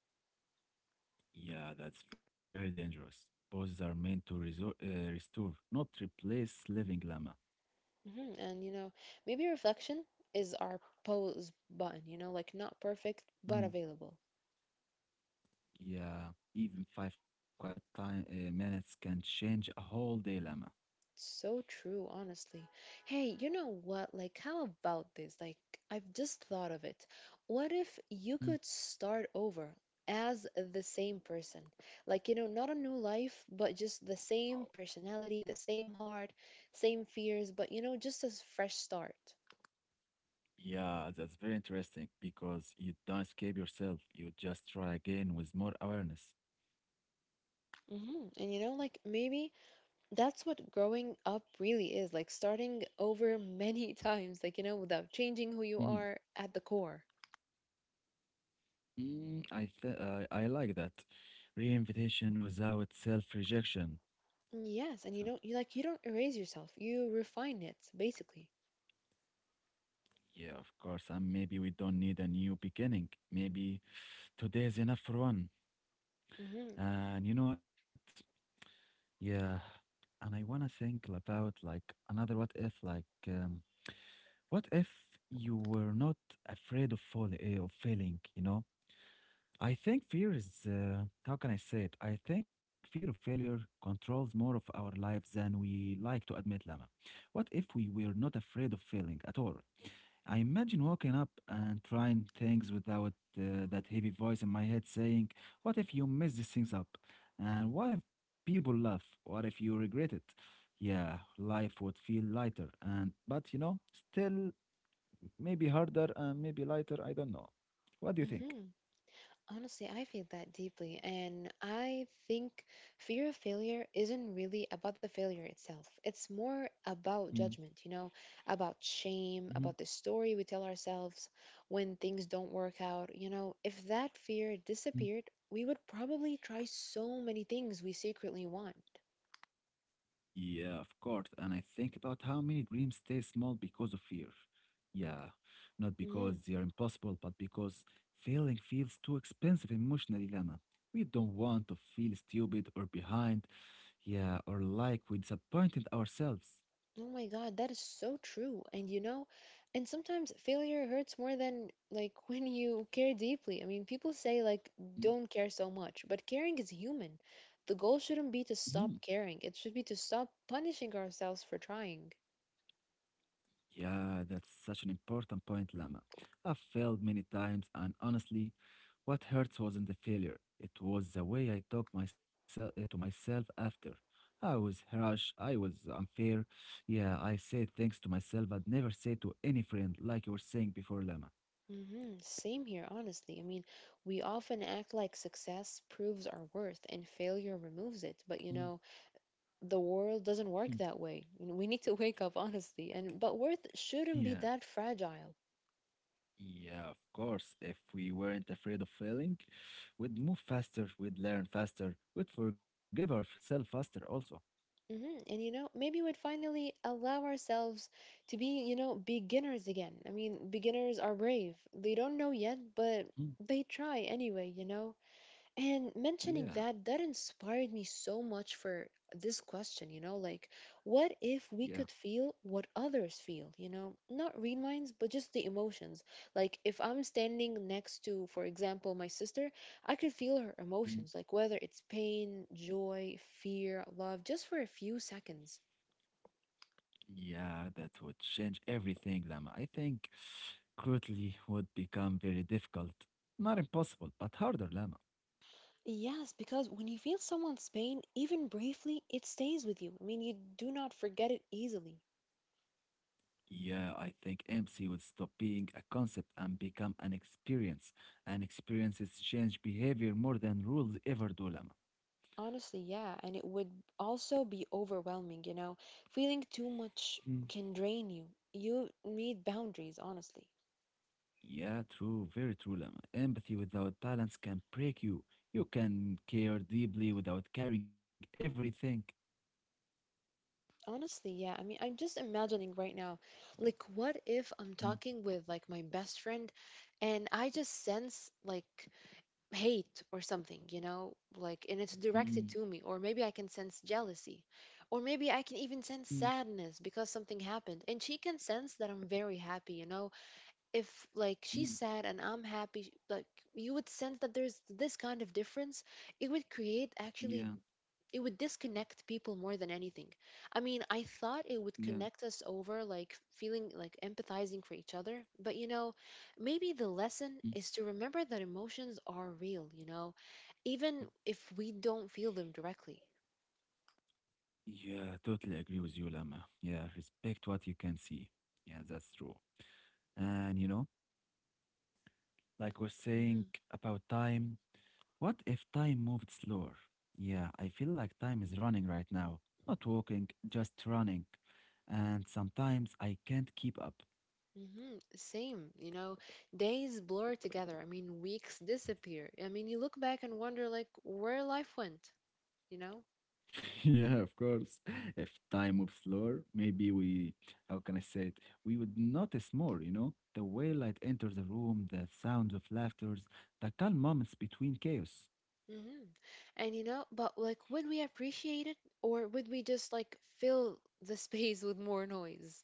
S2: Yeah, that's very dangerous. Poses are meant to resor restore, not replace living, llama.
S1: And you know, maybe reflection is our pause button, you know, like not perfect but
S2: Mm.
S1: available.
S2: Yeah, even 5 quiet time minutes can change a whole day, llama.
S1: So true, honestly. Hey, you know what? Like, how about this? Like, I've just thought of it. What if you
S2: Mm.
S1: could start over as the same person? Like, you know, not a new life, but just the same personality, the same heart, same fears, but, you know, just a fresh start.
S2: Yeah, that's very interesting because you don't escape yourself. You just try again with more awareness.
S1: And, you know, like, maybe that's what growing up really is, like, starting over many times, like, you know, without changing who you
S2: Mhm.
S1: are at the core.
S2: Mm, I like that. Reinvitation without self-rejection.
S1: Yes, and you
S2: So,
S1: don't you like you don't erase yourself. You refine it basically.
S2: yeah, of course. And maybe we don't need a new beginning. Maybe today is enough for one.
S1: Mhm.
S2: And you know what? Yeah. And I wanna think about like another what if, like what if you were not afraid of falling, of failing? You know, I think fear is, how can I say it? I think fear of failure controls more of our lives than we like to admit, Lama. What if we were not afraid of failing at all? I imagine waking up and trying things without, that heavy voice in my head saying, "What if you mess these things up? And what if people laugh? What if you regret it?" Yeah, life would feel lighter, and but still maybe harder and maybe lighter, I don't know. What do you think?
S1: Mhm. Honestly, I feel that deeply and I think fear of failure isn't really about the failure itself. It's more about
S2: Mm-hmm.
S1: judgment, you know, about shame, about the story we tell ourselves when things don't work out. You know, if that fear disappeared, we would probably try so many things we secretly want.
S2: Yeah, of course. And I think about how many dreams stay small because of fear. Yeah, not because they are impossible, but because failing feels too expensive emotionally, Lama. We don't want to feel stupid or behind, yeah, or like we disappointed ourselves.
S1: Oh my God, that is so true. And you know, and sometimes failure hurts more than like when you care deeply. I mean, people say like don't care so much, but caring is human. The goal shouldn't be to
S2: Mhm.
S1: stop caring. It should be to stop punishing ourselves for trying.
S2: Yeah, that's such an important point, Lama. I've failed many times, and honestly, what hurts wasn't the failure. It was the way I talked myself to myself after. I was harsh, I was unfair. Yeah, I said things to myself I'd never say to any friend, like you were saying before, Lama.
S1: Same here, honestly. I mean, we often act like success proves our worth and failure removes it.
S2: Mhm.
S1: But you know, the world doesn't work that way. You know, we need to wake up, honestly. And but worth shouldn't be
S2: Yeah,
S1: that fragile.
S2: yeah, of course. If we weren't afraid of failing, we'd move faster, we'd learn faster, we'd forgive ourselves faster also.
S1: And you know, maybe we'd finally allow ourselves to be, you know, beginners again. I mean, beginners are brave. They don't know yet, but
S2: Mm.
S1: they try anyway, you know? And mentioning
S2: Yeah,
S1: that, that inspired me so much for this question, you know, like, what if
S2: yeah.
S1: we could feel what others feel, you know? Not read minds, but just the emotions. Like, if I'm standing next to, for example, my sister, I could feel her emotions, like whether it's pain, joy, fear, love, just for a few seconds.
S2: Yeah, that would change everything, Lama. I think cruelty would become very difficult. Not impossible, but harder, Lama.
S1: Yes, because when you feel someone's pain, even briefly, it stays with you. I mean, you do not forget it easily.
S2: Yeah, I think MC would stop being a concept and become an experience. And experiences change behavior more than rules ever do, Lama.
S1: Honestly, yeah, and it would also be overwhelming, you know. Feeling too much
S2: Mm.
S1: can drain you. You need boundaries, honestly.
S2: Yeah, true, very true, Lama. Empathy without balance can break you. You can care deeply without caring everything.
S1: Honestly, yeah. I mean, I'm just imagining right now, like, what if
S2: Mm.
S1: I'm talking with like my best friend and I just sense like hate or something, you know, like, and it's directed
S2: Mm.
S1: to me, or maybe I can sense jealousy, or maybe I can even
S2: Mm.
S1: sense sadness because something happened, and she can sense that I'm very happy, you know if like
S2: Mm.
S1: she's sad and I'm happy, like you would sense that there's this kind of difference, it would create actually
S2: Yeah,
S1: it would disconnect people more than anything. I mean, I thought it
S2: yeah.
S1: would connect us over like feeling like empathizing for each other, but you know, maybe the lesson
S2: Hmm.
S1: is to remember that emotions are real, you know, even if we don't feel them directly.
S2: Yeah, totally agree with you, Lama. Yeah, respect what you can see. Yeah, that's true. And like we're saying
S1: Mm-hmm.
S2: about time, what if time moved slower? Yeah, I feel like time is running right now. Not walking, just running. And sometimes I can't keep up.
S1: Same, you know, days blur together. I mean, weeks disappear. I mean, you look back and wonder, like, where life went, you know?
S2: Yeah, of course. If time moves slower, maybe we, how can I say it? We would notice more, you know? The way light enters the room, the sounds of laughters, the calm moments between chaos.
S1: hmm And, you know, but, like, would we appreciate it or would we just, like, fill the space with more noise?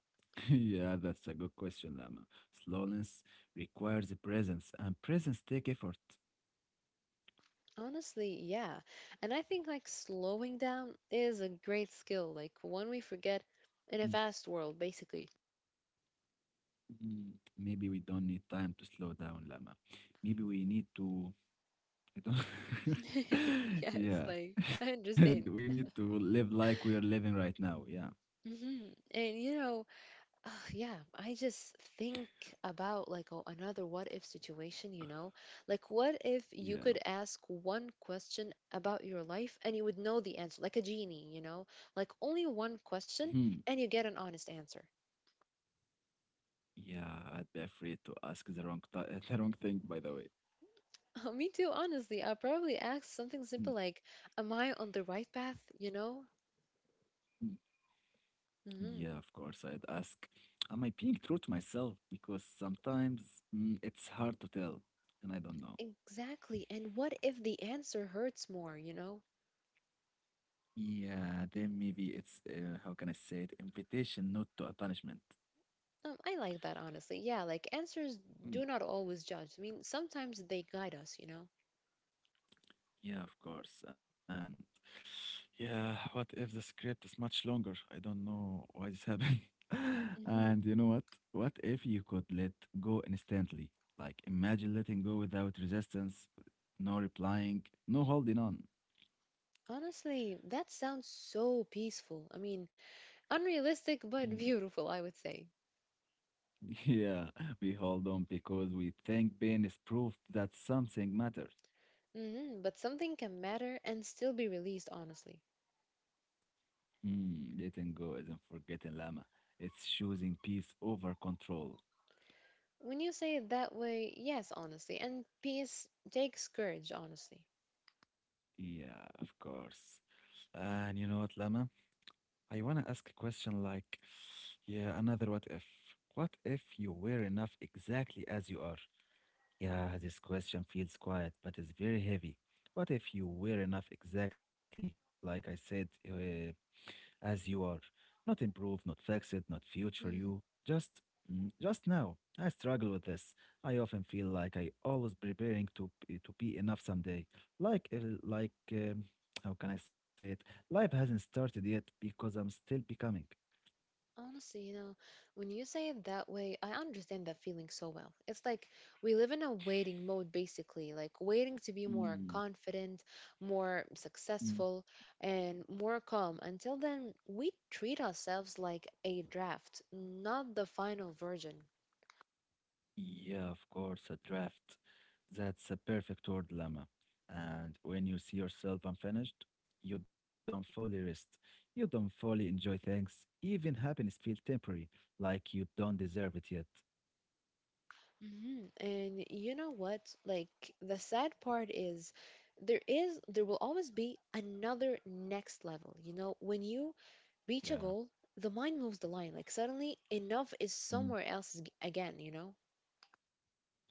S2: Yeah, that's a good question, Lama. Slowness requires presence, and presence take effort.
S1: Honestly, yeah. And I think, like, slowing down is a great skill, like, one we forget
S2: Mm.
S1: in a fast world, basically.
S2: Mm. Maybe we don't need time to slow down, Lama. Maybe we need to, I don't,
S1: Yes,
S2: yeah,
S1: like, I
S2: we
S1: understand.
S2: need to live like we are living right now. Yeah,
S1: And, you know, Ugh, yeah, I just think about like another what if situation, you know? Like, what if you
S2: yeah.
S1: could ask one question about your life and you would know the answer, like a genie, you know? Like, only one
S2: Hmm.
S1: question and you get an honest answer.
S2: Yeah. I'd be afraid to ask the wrong, th- the wrong thing, by the
S1: Me too, honestly. I'll probably ask something
S2: way.
S1: simple like, am I on the right path, you know?
S2: Yeah,
S1: hmm
S2: of course, I'd ask, am I being true to myself? Because sometimes, it's hard to tell, and I don't know.
S1: Exactly. And what if the answer hurts more, you know?
S2: Yeah, then maybe it's, how can I say it, invitation, not to a punishment.
S1: I like that, honestly. Yeah, like answers
S2: Mm,
S1: do not always judge. I mean, sometimes they guide us, you know?
S2: yeah, of course. And yeah, what if the script is much longer? I don't know why this happened.
S1: Mhm.
S2: And you know what? What if you could let go instantly? Like, imagine letting go without resistance, no replying, no holding on.
S1: Honestly, that sounds so peaceful. I mean, unrealistic but beautiful, I would say.
S2: Yeah, we hold on because we think pain is proof that something matters.
S1: But something can matter and still be released, honestly.
S2: Mm, letting go isn't forgetting, Lama. It's choosing peace over control.
S1: When you say it that way, yes, honestly. And peace takes courage, honestly.
S2: Yeah, of course. And you know what, Lama? I wanna ask a question like, yeah, another what if? What if you were enough exactly as you are? Yeah, this question feels quiet, but it's very heavy. What if you were enough exactly like I said? As you are. Not improved, not fixed, not future
S1: Hmm.
S2: you. Just, just now. I struggle with this. I often feel like I always preparing to to be enough someday. Like, how can I say it? Life hasn't started yet because I'm still becoming.
S1: Honestly, you know, when you say it that way, I understand that feeling so well. It's like we live in a waiting mode, basically, like waiting to be more
S2: Mm.
S1: confident, more
S2: Mm.
S1: successful, and more calm. Until then, we treat ourselves like a draft, not the final version.
S2: Yeah, of course, a draft. That's a perfect word, Lama. And when you see yourself unfinished, you don't fully rest. You don't fully enjoy things. Even happiness feels temporary, like you don't deserve it yet.
S1: And you know what? Like, the sad part is there will always be another next level. You know, when you
S2: Yeah.
S1: reach a goal, the mind moves the line. Like suddenly, enough is
S2: Mm.
S1: somewhere else again, you know?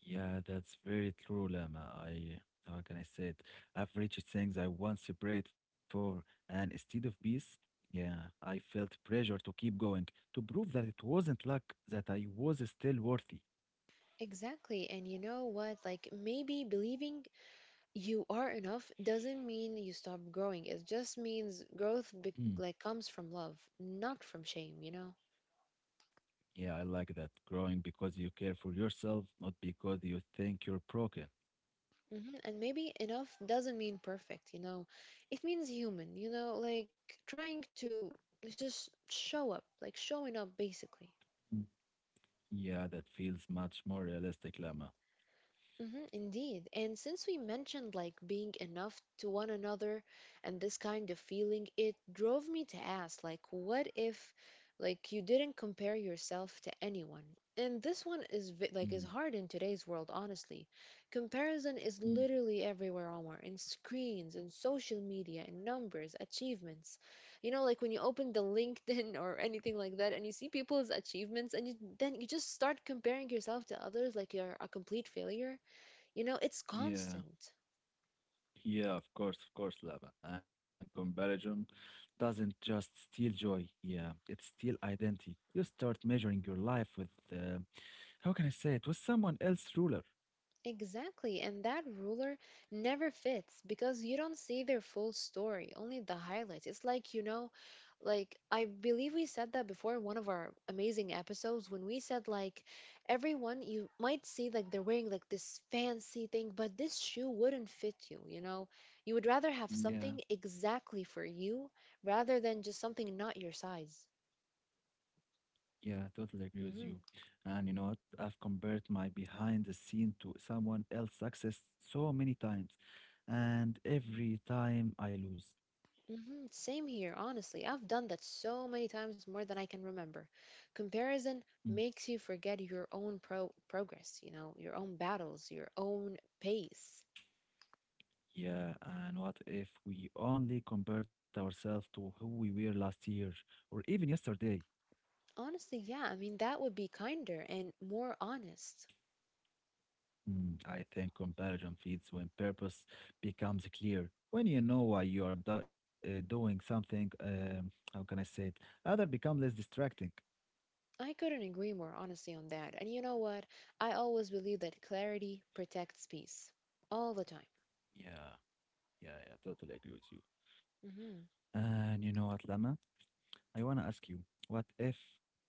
S2: Yeah, that's very true, Lama. How can I say it? I've reached things I once prayed for, and instead of peace, yeah, I felt pressure to keep going, to prove that it wasn't luck, that I was still worthy.
S1: Exactly. And you know what? Like maybe believing you are enough doesn't mean you stop growing. It just means growth comes from love, not from shame, you know?
S2: Yeah, I like that. Growing because you care for yourself, not because you think you're broken.
S1: And maybe enough doesn't mean perfect, you know? It means human, you know? Like trying to just show up, like showing up basically.
S2: Mm. Yeah, that feels much more realistic, Lama.
S1: Indeed. And since we mentioned like being enough to one another and this kind of feeling, it drove me to ask like what if like you didn't compare yourself to anyone? And this one is
S2: Mm.
S1: hard in today's world, honestly. Comparison is
S2: Mm.
S1: literally everywhere, Omar, in screens, in social media, in numbers, achievements. You know, like when you open the LinkedIn or anything like that and you see people's achievements and you then you just start comparing yourself to others like you're a complete failure you know, it's
S2: Yeah,
S1: constant.
S2: yeah, of course, Lama. And comparison doesn't just steal joy. Yeah, it steals identity. You start measuring your life with, how can I say it, with someone else's ruler.
S1: Exactly. And that ruler never fits because you don't see their full story, only the highlights. It's like, you know, like I believe we said that before in one of our amazing episodes when we said like everyone you might see like they're wearing like this fancy thing, but this shoe wouldn't fit you, you know? You would rather have
S2: Yeah.
S1: something exactly for you rather than just something not your size.
S2: Yeah, totally agree with you. And you know what? I've compared my behind the scene to someone else's success so many times, and every time I lose.
S1: Hmm Same here, honestly. I've done that so many times more than I can remember. Comparison
S2: Mm.
S1: makes you forget your own progress, you know, your own battles, your own pace.
S2: Yeah, and what if we only compared ourselves to who we were last year or even yesterday?
S1: Honestly, yeah, I mean, that would be kinder and more honest.
S2: Mm, I think comparison feeds when purpose becomes clear. When you know why you are do doing something, how can I say it? Other become less distracting.
S1: I couldn't agree more honestly on that. And you know what? I always believe that clarity protects peace all the time.
S2: Yeah, yeah, yeah, totally agree with you.
S1: Hmm
S2: And you know what, Lama? I want to ask you, what if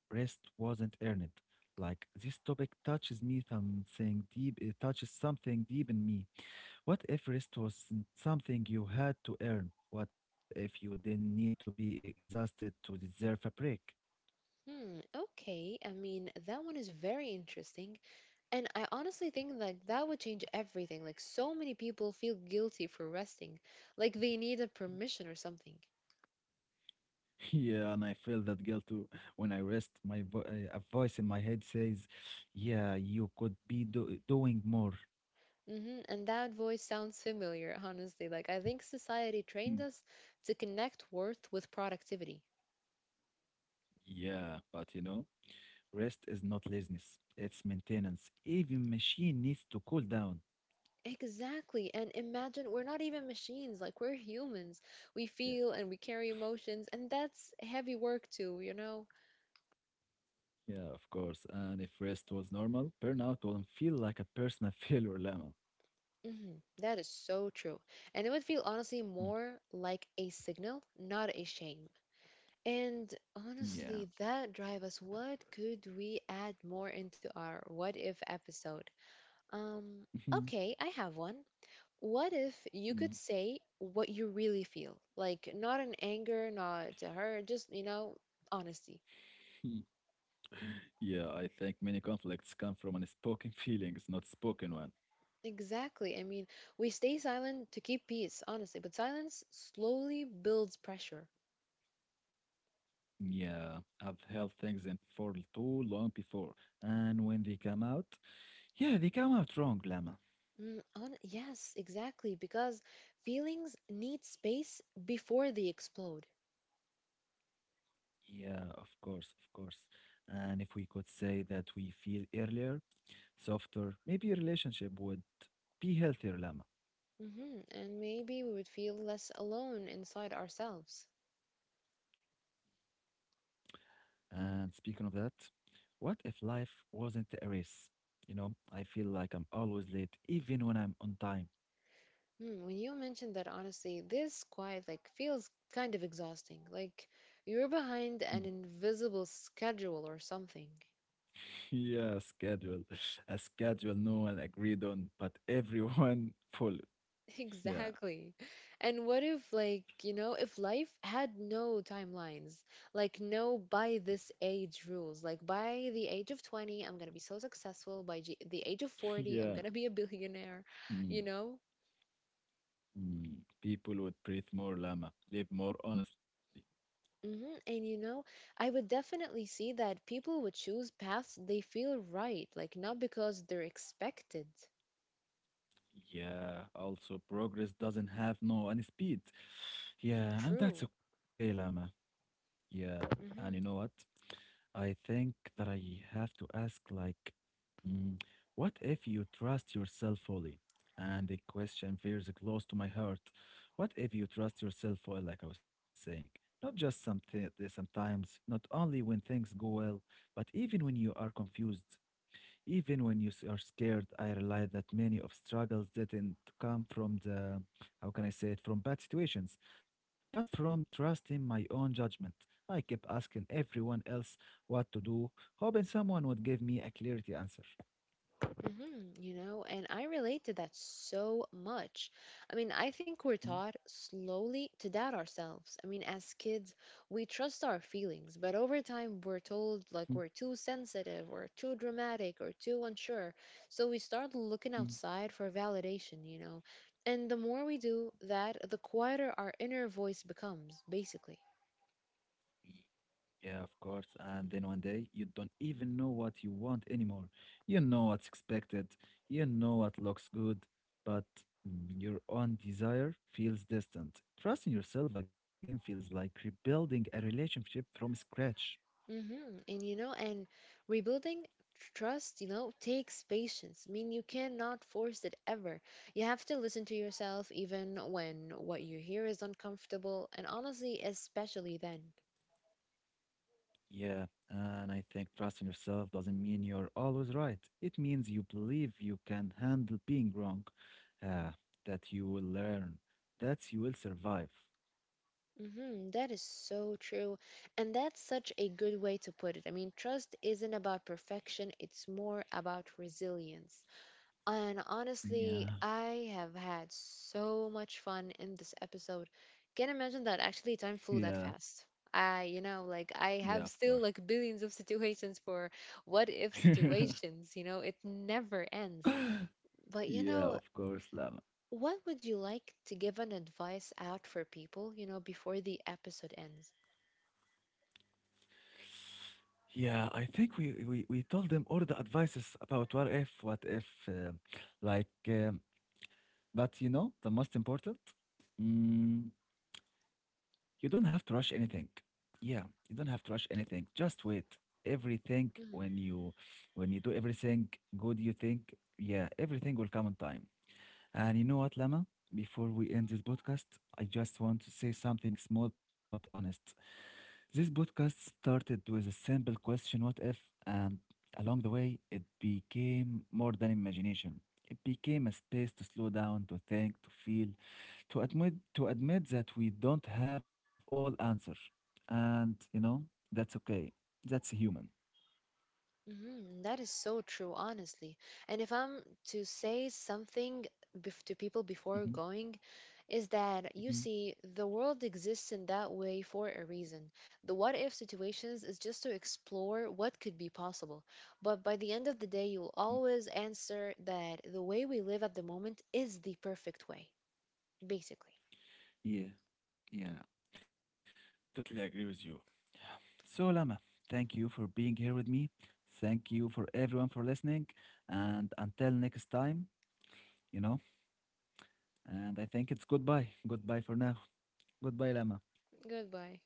S2: rest wasn't earned? Like, this topic touches me something deep, it touches something deep in me. What if rest was something you had to earn? What if you didn't need to be exhausted to deserve a break?
S1: Hmm, okay. I mean, that one is very interesting. And I honestly think like that would change everything. Like so many people feel guilty for resting. Like they need a permission or something.
S2: Yeah, and I feel that guilt too. When I rest, a voice in my head says, "Yeah, you could be doing more."
S1: Hmm And that voice sounds familiar, honestly. Like I think society trained us to connect worth with productivity.
S2: Yeah, but rest is not laziness, it's maintenance. Even machine needs to cool down.
S1: Exactly. And imagine we're not even machines, like we're humans.
S2: Yeah,
S1: We feel and we carry emotions, and that's heavy work too, you know?
S2: yeah, of course. And if rest was normal, burnout wouldn't feel like a personal failure, Lama.
S1: Mhm, that is so true. And it would feel honestly
S2: Mm.
S1: more like a signal, not a shame. And
S2: Yeah.
S1: honestly, that drive us what could we add more into our what if episode? Um, okay, I have one. What if you could say what you really feel? Like, not in anger, not to her, just, you know, honesty.
S2: Mm. Yeah, I think many conflicts come from unspoken feelings, not spoken one.
S1: Exactly. I mean, we stay silent to keep peace, honestly, but silence slowly builds pressure.
S2: Yeah, I've held things in for too long before, and when they come out, yeah, they come out wrong, Lama.
S1: Mm, yes, exactly, because feelings need space before they explode.
S2: Yeah, of course, of course. And if we could say that we feel earlier, softer, maybe your relationship would be healthier, Lama.
S1: Hmm And maybe we would feel less alone inside ourselves.
S2: And speaking of that, what if life wasn't a race? You know, I feel like I'm always late, even when I'm on time.
S1: Hmm, when you mentioned that, honestly, this quiet like feels kind of exhausting. Like you're
S2: Mm.
S1: behind an invisible schedule or something.
S2: Yeah, schedule. A schedule no one agreed on, but everyone followed. Yeah,
S1: Exactly. And what if, like, you know, if life had no timelines, like no by this age rules, like by the age of 20, I'm gonna be so successful, by g the age of 40, I'm
S2: yeah.
S1: gonna be a billionaire, you
S2: Mm.
S1: know?
S2: Mm. People would breathe more, Lama, live more honestly.
S1: Hmm And you know, I would definitely see that people would choose paths they feel right, like not because they're expected.
S2: Yeah, also progress doesn't have no any speed. Yeah, and that's
S1: True.
S2: okay, Lama. Yeah, and you know what?
S1: Hmm
S2: I think that I have to ask like, mm, what if you trust yourself fully? And the question feels close to my heart. What if you trust yourself fully, like I was saying? Not just something sometimes, not only when things go well, but even when you are confused. Even when you are scared, I realize that many of struggles didn't come from how can I say it, from bad situations, but from trusting my own judgment. I kept asking everyone else what to do, hoping someone would give me a clarity answer.
S1: hmm You know, and I relate to that so much. I mean, I think we're
S2: Mm.
S1: taught slowly to doubt ourselves. I mean, as kids, we trust our feelings, but over time, we're told
S2: Mm.
S1: like we're too sensitive or too dramatic or too unsure. So we start looking
S2: Mm.
S1: outside for validation, you know. And the more we do that, the quieter our inner voice becomes, basically.
S2: Yeah, of course. And then one day you don't even know what you want anymore. You know what's expected, you know what looks good, but your own desire feels distant. Trusting yourself again feels like rebuilding a relationship from scratch.
S1: Mm-hmm. And you know, and rebuilding trust, you know, takes patience. I mean, you cannot force it ever. You have to listen to yourself even when what you hear is uncomfortable, and honestly, especially then.
S2: Yeah, and I think trusting yourself doesn't mean you're always right. It means you believe you can handle being wrong, uh, that you will learn, that you will survive.
S1: Mm-hmm. That is so true. And that's such a good way to put it. I mean, trust isn't about perfection, it's more about resilience. And
S2: Yeah,
S1: honestly, I have had so much fun in this episode. Can't imagine that actually time
S2: yeah,
S1: flew that fast. I, you know, like
S2: yeah,
S1: I
S2: of
S1: have
S2: course.
S1: still like billions of situations for what if situations, you know, it never ends. But you
S2: Yeah,
S1: know,
S2: of course, Lama.
S1: what would you like to give an advice out for people, you know, before the episode ends?
S2: Yeah, I think we told them all the advices about what if, like. But the most important, mm, you don't have to rush anything. Yeah, you don't have to rush anything. Just wait. Everything when
S1: Mm-hmm.
S2: you do everything good, you think, yeah, everything will come on time. And you know what, Lama? Before we end this podcast, I just want to say something small but honest. This podcast started with a simple question, what if? And along the way, it became more than imagination. It became a space to slow down, to think, to feel, to admit, that we don't have all answers. And that's okay. That's human.
S1: Mhm, that is so true, honestly. And if I'm to say something to people before
S2: Hmm.
S1: going, is that you
S2: Hmm.
S1: see, the world exists in that way for a reason. The what if situations is just to explore what could be possible. But by the end of the day, you'll always answer that the way we live at the moment is the perfect way, basically.
S2: Yeah, yeah, totally agree with you. So, Lama, thank you for being here with me. Thank you for everyone for listening. And until next time, you know. And I think it's goodbye. Goodbye for now. Goodbye, Lama.
S1: Goodbye.